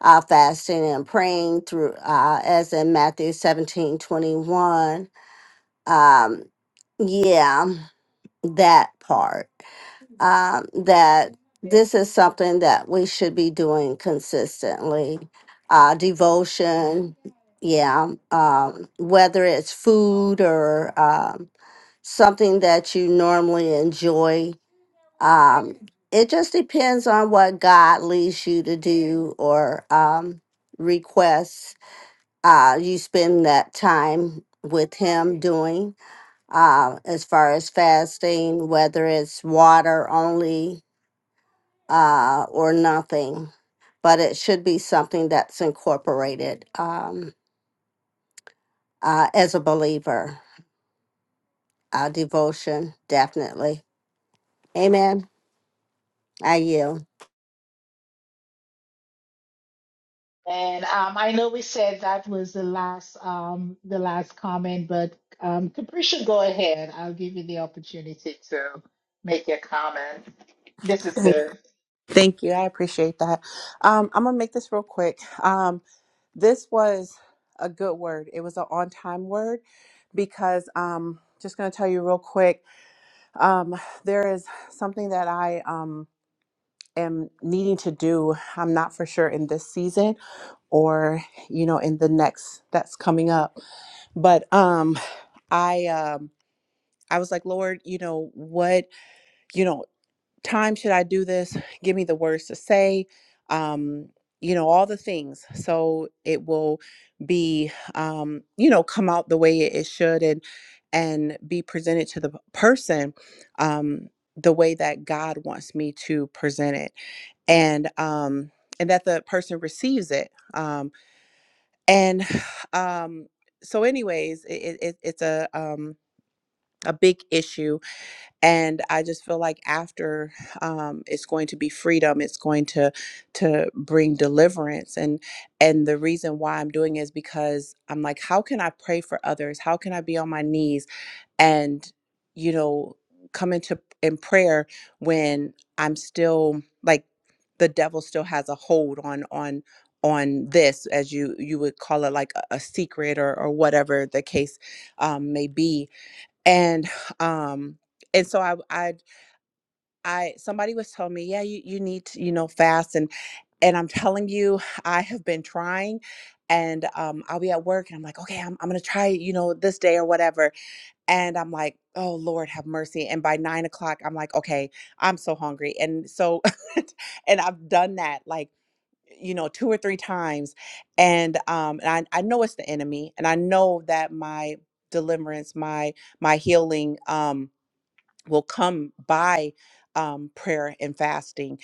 [SPEAKER 7] uh, fasting and praying through, uh, as in Matthew 17 21. Um, yeah, that part. um, that this is something that we should be doing consistently. Uh, devotion, yeah, um, whether it's food or um, something that you normally enjoy. Um, it just depends on what God leads you to do or um, requests uh, you spend that time with Him doing. Uh, as far as fasting, whether it's water only uh, or nothing, but it should be something that's incorporated um, uh, as a believer. Uh, devotion, definitely. Amen. I yield.
[SPEAKER 2] And um, I know we said that was the last um, the last comment, but um, Capricia, go ahead. I'll give you the opportunity to make your comment. This is
[SPEAKER 8] Thank
[SPEAKER 2] good.
[SPEAKER 8] thank you. I appreciate that. Um, I'm gonna make this real quick. Um, this was a good word. It was an on-time word because um, just gonna tell you real quick. Um, there is something that I um am needing to do. I'm not for sure in this season or you know in the next that's coming up. But um, I um, I was like, Lord, you know what? you know. time should I do this? Give me the words to say. Um, you know, all the things. So it will be, um, you know, come out the way it it should and and be presented to the p- person um, the way that God wants me to present it, and um, and that the person receives it. Um, and um, so, anyways, it, it, it's a um, a big issue and i just feel like after um, it's going to be freedom it's going to to bring deliverance and and the reason why i'm doing it is because i'm like how can i pray for others how can i be on my knees and you know come into in prayer when i'm still like the devil still has a hold on on on this as you you would call it like a, a secret or or whatever the case um, may be and um and so i i i somebody was telling me yeah you you need to you know fast and and i'm telling you i have been trying and um i'll be at work and i'm like okay i'm, I'm gonna try you know this day or whatever and i'm like oh lord have mercy and by nine o'clock i'm like okay i'm so hungry and so and i've done that like you know two or three times and um and I, I know it's the enemy and i know that my deliverance my my healing um will come by um, prayer and fasting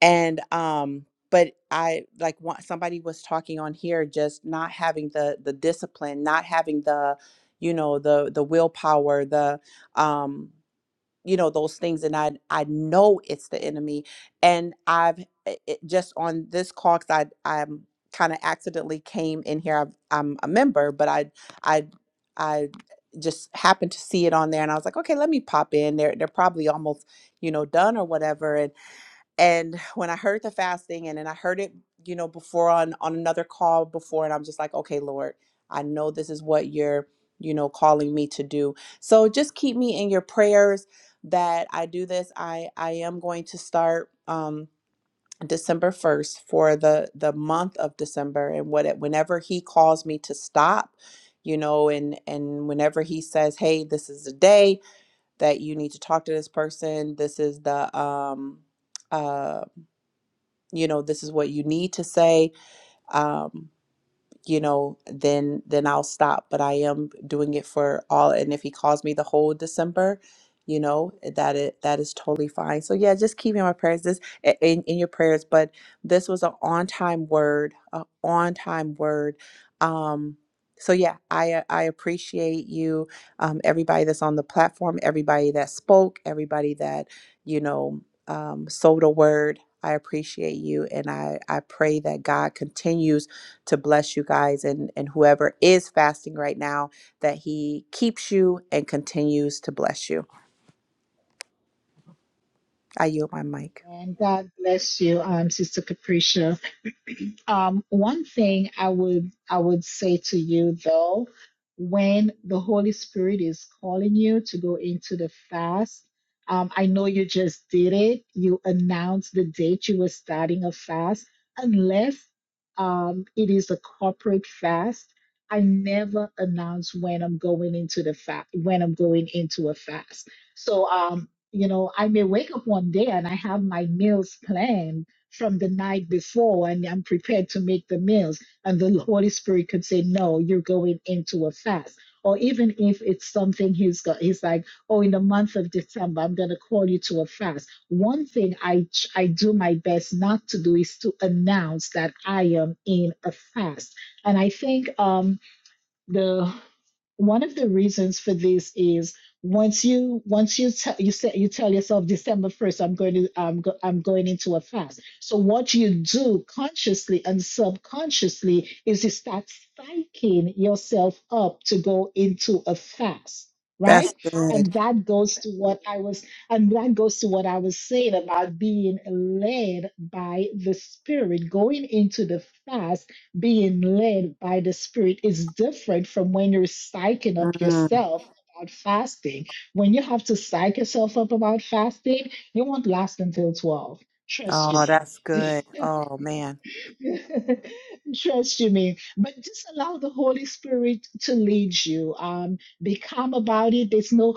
[SPEAKER 8] and um but i like one, somebody was talking on here just not having the the discipline not having the you know the the willpower the um you know those things and i i know it's the enemy and i've i- it, just on this call because i i'm kind of accidentally came in here I've, i'm a member but i i i just happened to see it on there and i was like okay let me pop in they're, they're probably almost you know done or whatever and and when i heard the fasting and then i heard it you know before on on another call before and i'm just like okay lord i know this is what you're you know calling me to do so just keep me in your prayers that i do this i i am going to start um december 1st for the the month of december and what whenever he calls me to stop you know and and whenever he says hey this is the day that you need to talk to this person this is the um uh, you know this is what you need to say um, you know, then then I'll stop. But I am doing it for all. And if he calls me the whole December, you know, that it that is totally fine. So yeah, just keep me in my prayers. This in in your prayers. But this was an on time word, an on time word. Um, so yeah, I uh, I appreciate you, um, everybody that's on the platform, everybody that spoke, everybody that you know um, sowed a word. I appreciate you, and I I pray that God continues to bless you guys and and whoever is fasting right now that he keeps you and continues to bless you. I yield my mic.
[SPEAKER 2] And God bless you, um, Sister Capricia. Um, one thing I would I would say to you though, when the Holy Spirit is calling you to go into the fast, um, I know you just did it. You announced the date you were starting a fast, unless um, it is a corporate fast. I never announce when I'm going into the fast when I'm going into a fast. So um, you know, I may wake up one day and I have my meals planned from the night before and I'm prepared to make the meals. And the Holy Spirit could say, No, you're going into a fast. Or even if it's something he's got, he's like, oh, in the month of December, I'm going to call you to a fast. One thing I ch- I do my best not to do is to announce that I am in a fast. And I think um, the one of the reasons for this is once you once you tell you say you tell yourself December first I'm going to I'm go, I'm going into a fast. So what you do consciously and subconsciously is you start psyching yourself up to go into a fast,
[SPEAKER 8] That's
[SPEAKER 2] right?
[SPEAKER 8] good.
[SPEAKER 2] And that goes to what I was and that goes to what I was saying about being led by the Spirit, going into the fast being led by the Spirit is different from when you're psyching up
[SPEAKER 8] Mm.
[SPEAKER 2] yourself about fasting. When you have to psych yourself up about fasting, you won't last until 12. Trust
[SPEAKER 8] Oh,
[SPEAKER 2] you
[SPEAKER 8] that's good.
[SPEAKER 2] me.
[SPEAKER 8] Oh man.
[SPEAKER 2] Trust you me. But just allow the Holy Spirit to lead you. Um, be calm about it. There's no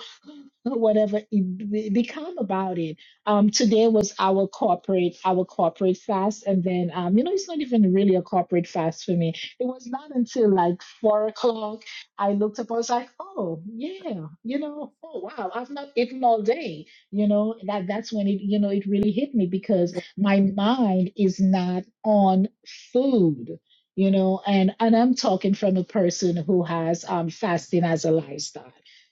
[SPEAKER 2] whatever it be- become about it. Um, today was our corporate, our corporate fast, and then um, you know, it's not even really a corporate fast for me. It was not until like four o'clock I looked up. I was like, oh yeah, you know, oh wow, I've not eaten all day. You know, that that's when it, you know, it really hit me because
[SPEAKER 8] Yeah.
[SPEAKER 2] my mind is not on food. You know, and and I'm talking from a person who has um fasting as a lifestyle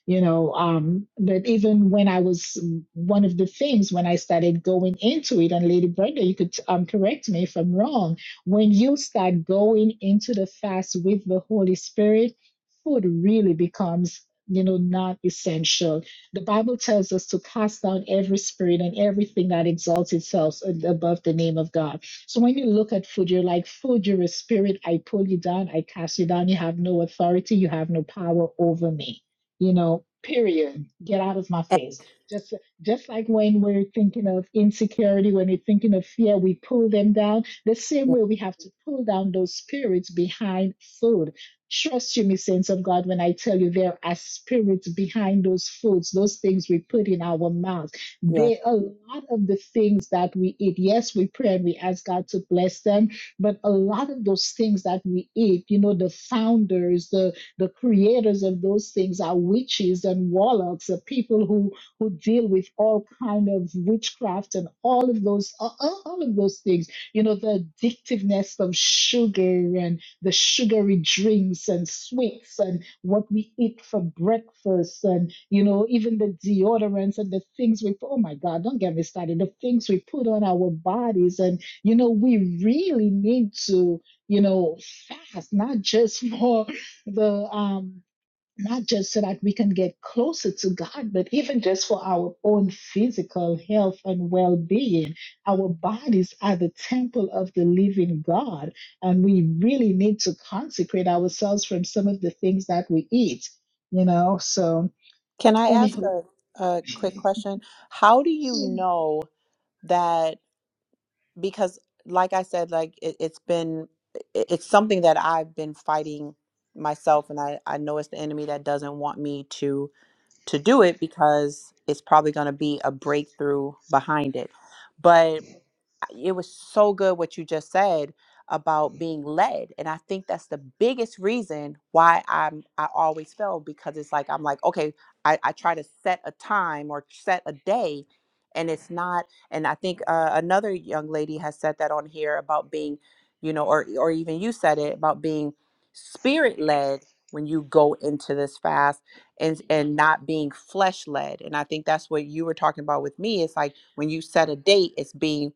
[SPEAKER 2] you know um but even when i was one of the things when i started going into it and lady brenda you could um correct me if i'm wrong when you start going into the fast with the holy spirit food really becomes you know not essential the bible tells us to cast down every spirit and everything that exalts itself above the name of god so when you look at food you're like food you're a spirit i pull you down i cast you down you have no authority you have no power over me you know, period. Get out of my
[SPEAKER 8] And-
[SPEAKER 2] face. Just just like when we're thinking of insecurity, when we're thinking of fear, we pull them down. The same
[SPEAKER 8] yeah,
[SPEAKER 2] way we have to pull down those spirits behind food. Trust you, me, saints of God, when I tell you there are spirits behind those foods, those things we put in our mouth.
[SPEAKER 8] yeah.
[SPEAKER 2] They a lot of the things that we eat. Yes, we pray and we ask God to bless them, but a lot of those things that we eat, you know, the founders, the the creators of those things are witches and warlocks, are people who who deal with all kind of witchcraft and all of those all, all all of those things. You know, the addictiveness of sugar and the sugary drinks and sweets and what we eat for breakfast and you know even the deodorants and the things we oh my god don't get me started the things we put on our bodies and you know we really need to you know fast not just for the um not just so that we can get closer to God, but even just for our own physical health and well being. Our bodies are the temple of the living God, and we really need to consecrate ourselves from some of the things that we eat, you know. So,
[SPEAKER 8] Can I ask
[SPEAKER 2] anywho,
[SPEAKER 8] a, a quick question? How do you know that because like I said like it, it's been it- it's something that I've been fighting myself and I I know it's the enemy that doesn't want me to to do it because it's probably going to be a breakthrough behind it. But it was so good what you just said about being led and i think that's the biggest reason why i'm i always fail because it's like i'm like okay i, I try to set a time or set a day and it's not and i think uh, another young lady has said that on here about being you know or or even you said it about being spirit led when you go into this fast and and not being flesh led and i think that's what you were talking about with me it's like when you set a date it's being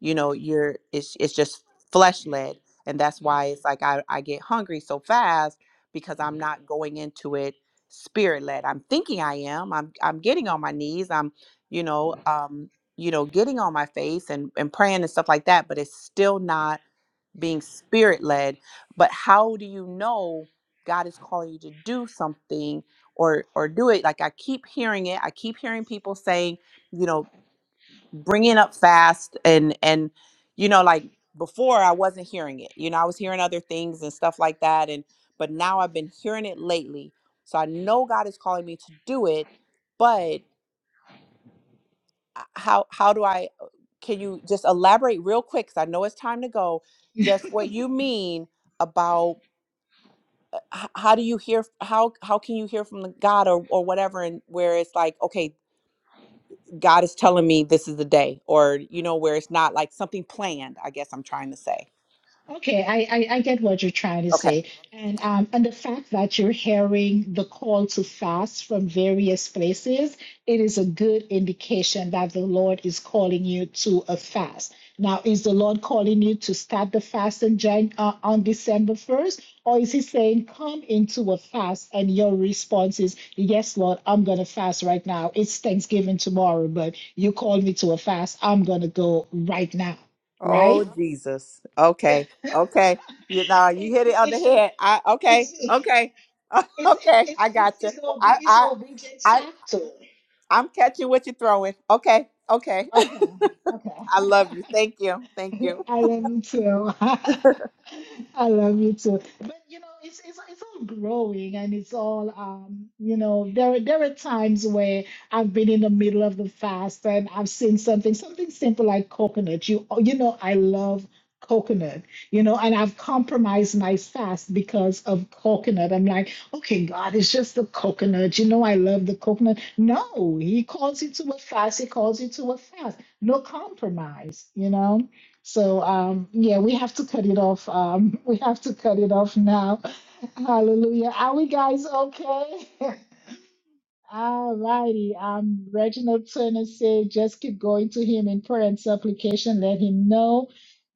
[SPEAKER 8] you know you're it's it's just flesh led and that's why it's like I, I get hungry so fast because i'm not going into it spirit led i'm thinking i am i'm i'm getting on my knees i'm you know um you know getting on my face and and praying and stuff like that but it's still not being spirit led but how do you know god is calling you to do something or or do it like i keep hearing it i keep hearing people saying you know bringing up fast and and you know like before i wasn't hearing it you know i was hearing other things and stuff like that and but now i've been hearing it lately so i know god is calling me to do it but uh, how how do i uh, can you just elaborate real quick because i know it's time to go just what you mean about uh, h- how do you hear f- how how can you hear from the god or, or whatever and where it's like okay God is telling me this is the day, or you know, where it's not like something planned, I guess I'm trying to say.
[SPEAKER 2] Okay, I, I, I get what you're trying to
[SPEAKER 8] Okay.
[SPEAKER 2] say. And um and the fact that you're hearing the call to fast from various places, it is a good indication that the Lord is calling you to a fast. Now, is the Lord calling you to start the fast in Jan uh, on December 1st? Or is he saying, come into a fast and your response is, yes, Lord, I'm going to fast right now. It's Thanksgiving tomorrow, but you called me to a fast. I'm going to go right now, right?
[SPEAKER 8] Oh Jesus.
[SPEAKER 2] it's
[SPEAKER 8] Okay. Okay. You know, you hit it on the
[SPEAKER 2] it's a-
[SPEAKER 8] head. I okay,
[SPEAKER 2] it's it's
[SPEAKER 8] okay.
[SPEAKER 2] it's
[SPEAKER 8] Okay. I
[SPEAKER 2] it's
[SPEAKER 8] got
[SPEAKER 2] it's
[SPEAKER 8] you.
[SPEAKER 2] it's, obe-
[SPEAKER 8] I
[SPEAKER 2] it's
[SPEAKER 8] I
[SPEAKER 2] obedience
[SPEAKER 8] I
[SPEAKER 2] chapter.
[SPEAKER 8] I'm catching what you're throwing. Okay. Okay.
[SPEAKER 2] Okay,
[SPEAKER 8] I
[SPEAKER 2] okay.
[SPEAKER 8] love you. Thank you. Thank you.
[SPEAKER 2] I love you too. I love you too. But you know, it's it's it's all growing and it's all um, you know, there are there are times where I've been in the middle of the fast and I've seen something, something simple like coconut. You you know, I love coconut, you know, and I've compromised my fast because of coconut. I'm like, okay, God, it's just the coconut. You know, I love the coconut. No, he calls you to a fast, he calls you to a fast. No compromise, you know so um, yeah, we have to cut it off. Um, we have to cut it off now. Hallelujah. Are we guys okay? Alrighty, Um, Reginald Turner said, just keep going to him in prayer and supplication. Let him know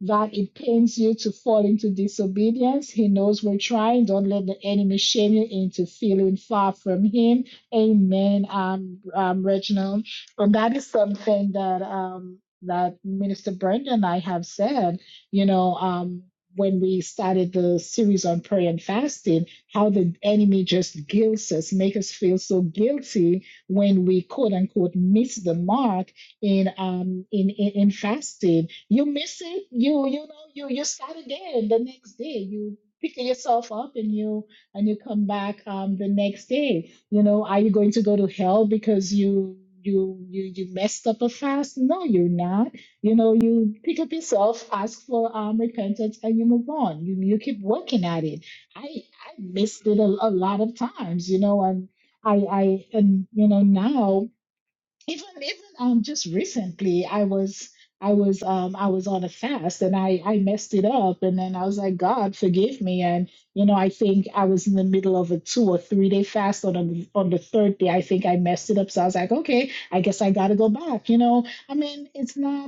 [SPEAKER 2] that it pains you to fall into disobedience. He knows we're trying. Don't let the enemy shame you into feeling far from him. Amen. Um, um, Reginald, and that is something that um that Minister Brenda and I have said. You know, um, when we started the series on prayer and fasting how the enemy just guilts us, make us feel so guilty when we quote unquote miss the mark in um in, in, in fasting. You miss it, you you know, you you start again the next day. You pick yourself up and you and you come back um the next day. You know, are you going to go to hell because you you you you messed up a fast? No, you're not you know you pick up yourself ask for um, repentance and you move on you, you keep working at it I missed it a, a lot of times, you know, and I, I, and you know, now even even um just recently, I was I was um I was on a fast and I I messed it up, and then I was like, God, forgive me, and you know, I think I was in the middle of a two or three day fast on the on the third day, I think I messed it up, so I was like, okay, I guess I got to go back, you know. I mean, it's not.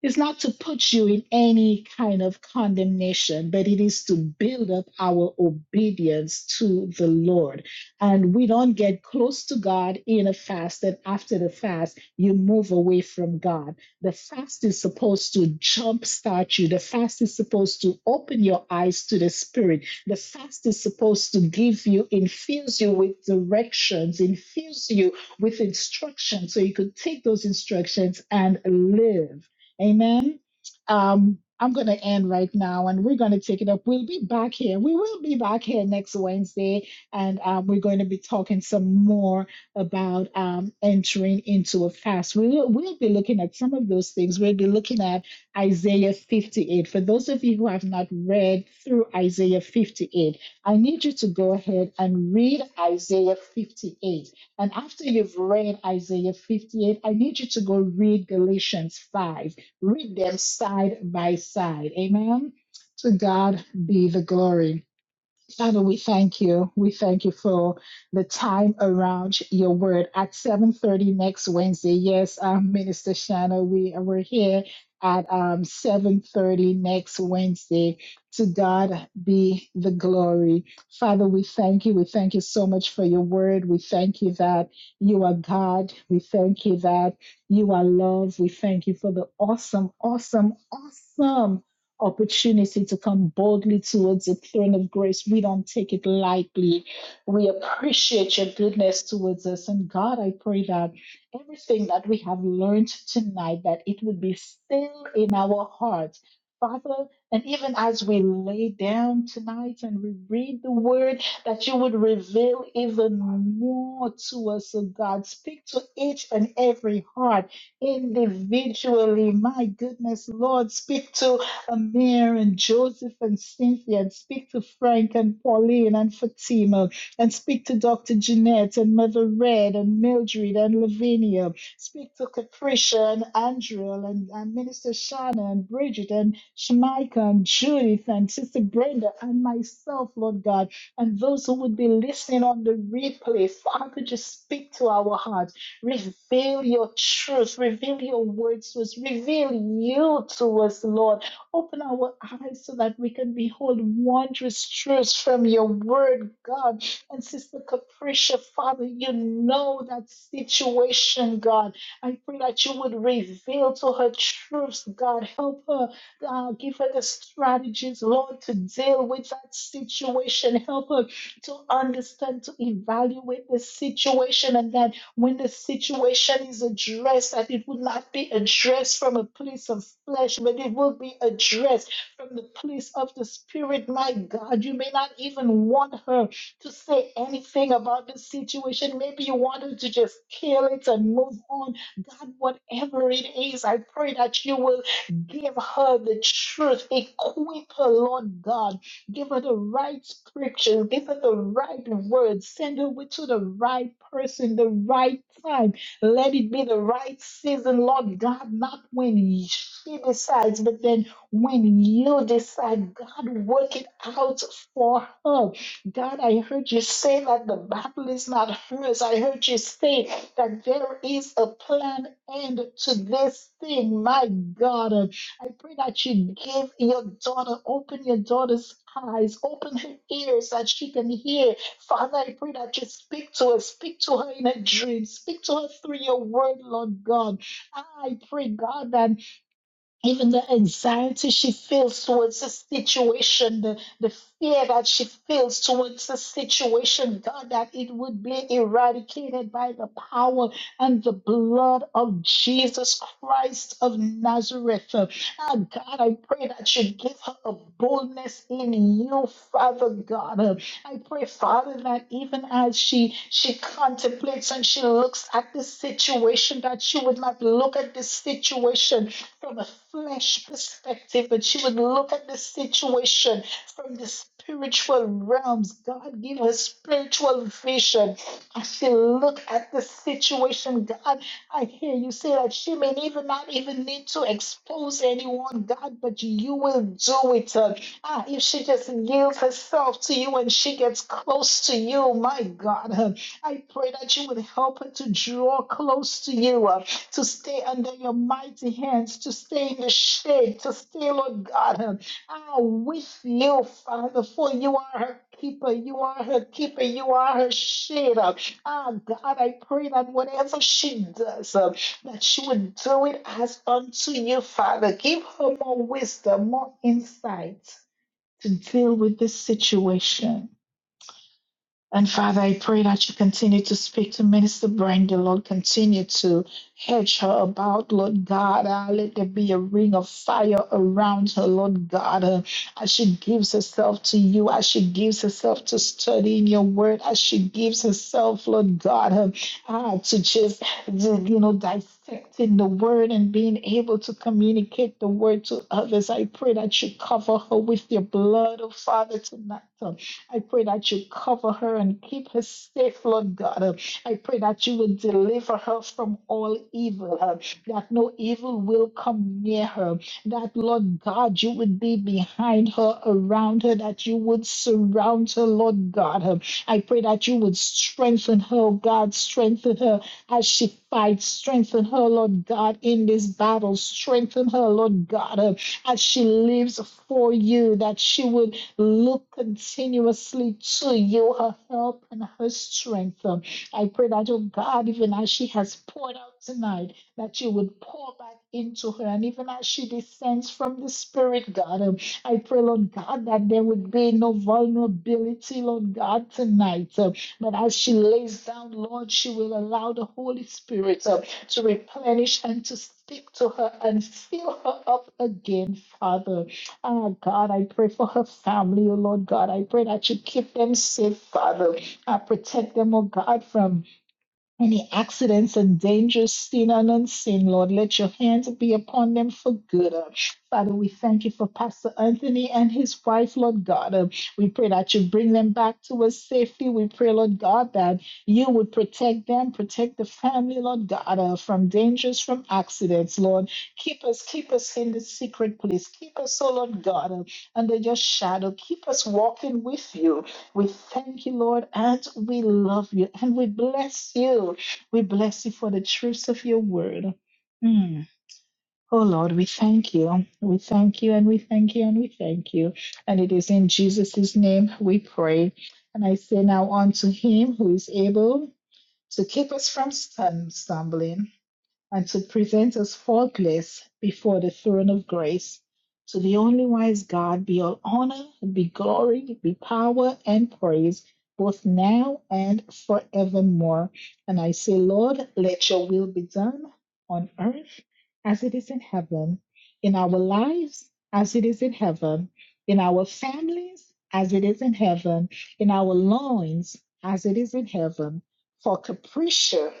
[SPEAKER 2] It's not to put you in any kind of condemnation, but it is to build up our obedience to the Lord. And we don't get close to God in a fast, and after the fast, you move away from God. The fast is supposed to jumpstart you, the fast is supposed to open your eyes to the Spirit. The fast is supposed to give you, infuse you with directions, infuse you with instructions so you could take those instructions and live. Amen. Um, I'm going to end right now and we're going to take it up. We'll be back here. We will be back here next Wednesday and um, we're going to be talking some more about um, entering into a fast. We will, we'll be looking at some of those things. We'll be looking at Isaiah 58. For those of you who have not read through Isaiah 58, I need you to go ahead and read Isaiah 58. And after you've read Isaiah 58, I need you to go read Galatians 5 read them side by side. Amen. To God be the glory. Father, we thank you. We thank you for the time around your word at 7:30 next Wednesday. Yes, um, Minister Shanna, we we're here at um 7:30 next Wednesday. To God be the glory. Father, we thank you. We thank you so much for your word. We thank you that you are God. We thank you that you are love. We thank you for the awesome, awesome, awesome opportunity to come boldly towards the throne of grace. We don't take it lightly. We appreciate your goodness towards us. And God, I pray that everything that we have learned tonight, that it would be still in our hearts. Father, and even as we lay down tonight and we read the word, that you would reveal even more to us, oh God. Speak to each and every heart individually. My goodness, Lord, speak to Amir and Joseph and Cynthia, and speak to Frank and Pauline and Fatima, and speak to Dr. Jeanette and Mother Red and Mildred and Lavinia. Speak to Capricia and Andrea and, and Minister Shana and Bridget and Shemika and Judith and Sister Brenda and myself, Lord God, and those who would be listening on the replay. Father, just speak to our hearts. Reveal your truth. Reveal your words to us. Reveal you to us, Lord. Open our eyes so that we can behold wondrous truths from your word, God. And Sister Capricia, Father, you know that situation, God. I pray that you would reveal to her truths, God. Help her, uh, give her the strategies, Lord, to deal with that situation. Help her to understand, to evaluate the situation, and that when the situation is addressed, that it will not be addressed from a place of flesh, but it will be addressed from the place of the Spirit. My God, you may not even want her to say anything about the situation. Maybe you want her to just kill it and move on. God, whatever it is, I pray that you will give her the truth, equip her, Lord God Give her the right scriptures. Give her the right words. Send her with- to the right person, the right time. Let it be the right season, Lord God, not when she decides, but then when you decide, God, work it out for her. God, I heard you say that the battle is not hers. I heard you say that there is a plan end to this thing, my God. I pray that you give your daughter, open your daughter's eyes, open her ears that she can hear. Father, I pray that you speak to her, speak to her in a dream, speak to her through your word, Lord God. I pray, God, that even the anxiety she feels towards the situation, the, the fear that she feels towards the situation, God, that it would be eradicated by the power and the blood of Jesus Christ of Nazareth. Ah, God, I pray that you give her a boldness in you, Father God. I pray, Father, that even as she she contemplates and she looks at this situation, that she would not look at this situation from a flesh perspective, but she would look at this situation from the spiritual realms. God, give her spiritual vision. I should look at the situation, God. I hear you say that she may even not even need to expose anyone, God, but you will do it. uh, ah, if she just yields herself to you and she gets close to you, my God, uh, I pray that you would help her to draw close to you, uh, to stay under your mighty hands, to stay in the shade, to stay, Lord God, uh, ah, with you, Father, for you are her keeper, you are her keeper, you are her shade. uh, Oh God, I pray that whatever she does, um, that she would do it as unto you, Father. Give her more wisdom, more insight to deal with this situation. And Father, I pray that you continue to speak to Minister Brenda, Lord. Continue to hedge her about, Lord God. Ah, let there be a ring of fire around her, Lord God. Ah, as she gives herself to you, as she gives herself to studying your word, as she gives herself, Lord God, ah, ah, to just, just, you know, dissecting the word and being able to communicate the word to others. I pray that you cover her with your blood, oh Father, tonight. ah. I pray that you cover her and keep her safe, Lord God. Uh, I pray that you will deliver her from all evil, uh, that no evil will come near her, that, Lord God, you would be behind her, around her, that you would surround her, Lord God. Uh, I pray that you would strengthen her, oh God, strengthen her as she fights, strengthen her, Lord God, in this battle, strengthen her, Lord God, uh, as she lives for you, that she would Look continuously to you, her help and her strength. Um, I pray that, oh God, even as she has poured out tonight, that you would pour back into her. And even as she descends from the Spirit, God, um, I pray, Lord God, that there would be no vulnerability, Lord God, tonight. Um, but as she lays down, Lord, she will allow the Holy Spirit um, to replenish and to speak to her and fill her up again, Father. Ah, God, I pray for her family, oh Lord God. I pray that you keep them safe, Father. I protect them, oh God, from any accidents and dangers seen and unseen, Lord, let your hands be upon them for good. Uh, Father, we thank you for Pastor Anthony and his wife, Lord God. Uh, We pray that you bring them back to us safely. We pray, Lord God, that you would protect them, protect the family, Lord God, uh, from dangers, from accidents, Lord. Keep us, keep us in the secret place. Keep us, oh Lord God, uh, under your shadow. Keep us walking with you. We thank you, Lord, and we love you and we bless you. We bless you for the truths of your word. Mm. Oh Lord, we thank you. We thank you and we thank you and we thank you. And it is in Jesus' name we pray. And I say now unto him who is able to keep us from stum- stumbling and to present us faultless before the throne of grace. To the only wise God be all honor, be glory, be power, and praise, both now and forevermore. And I say, Lord, let your will be done on earth as it is in heaven, in our lives as it is in heaven, in our families as it is in heaven, in our loins as it is in heaven. For capriccia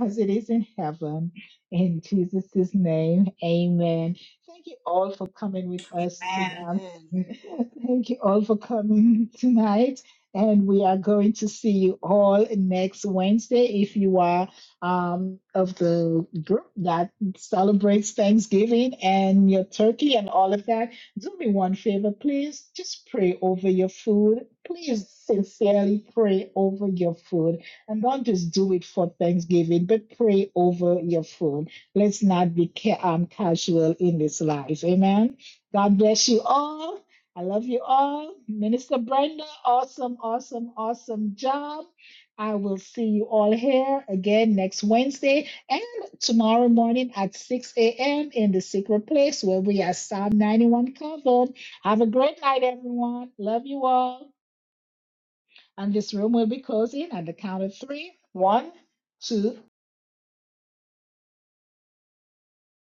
[SPEAKER 2] as it is in heaven. In Jesus' name, amen. Thank you all for coming with us tonight.
[SPEAKER 5] Amen.
[SPEAKER 2] Thank you all for coming tonight. And we are going to see you all next Wednesday. If you are um, of the group that celebrates Thanksgiving and your turkey and all of that, do me one favor, please. Just pray over your food. Please sincerely pray over your food and don't just do it for Thanksgiving, but pray over your food. Let's not be ca- um, casual in this life. Amen. God bless you all. I love you all. Minister Brenda, awesome, awesome, awesome job. I will see you all here again next Wednesday and tomorrow morning at 6 a.m. in the secret place where we are Psalm 91 covered. Have a great night, everyone. Love you all. And this room will be closing at the count of three. One, two,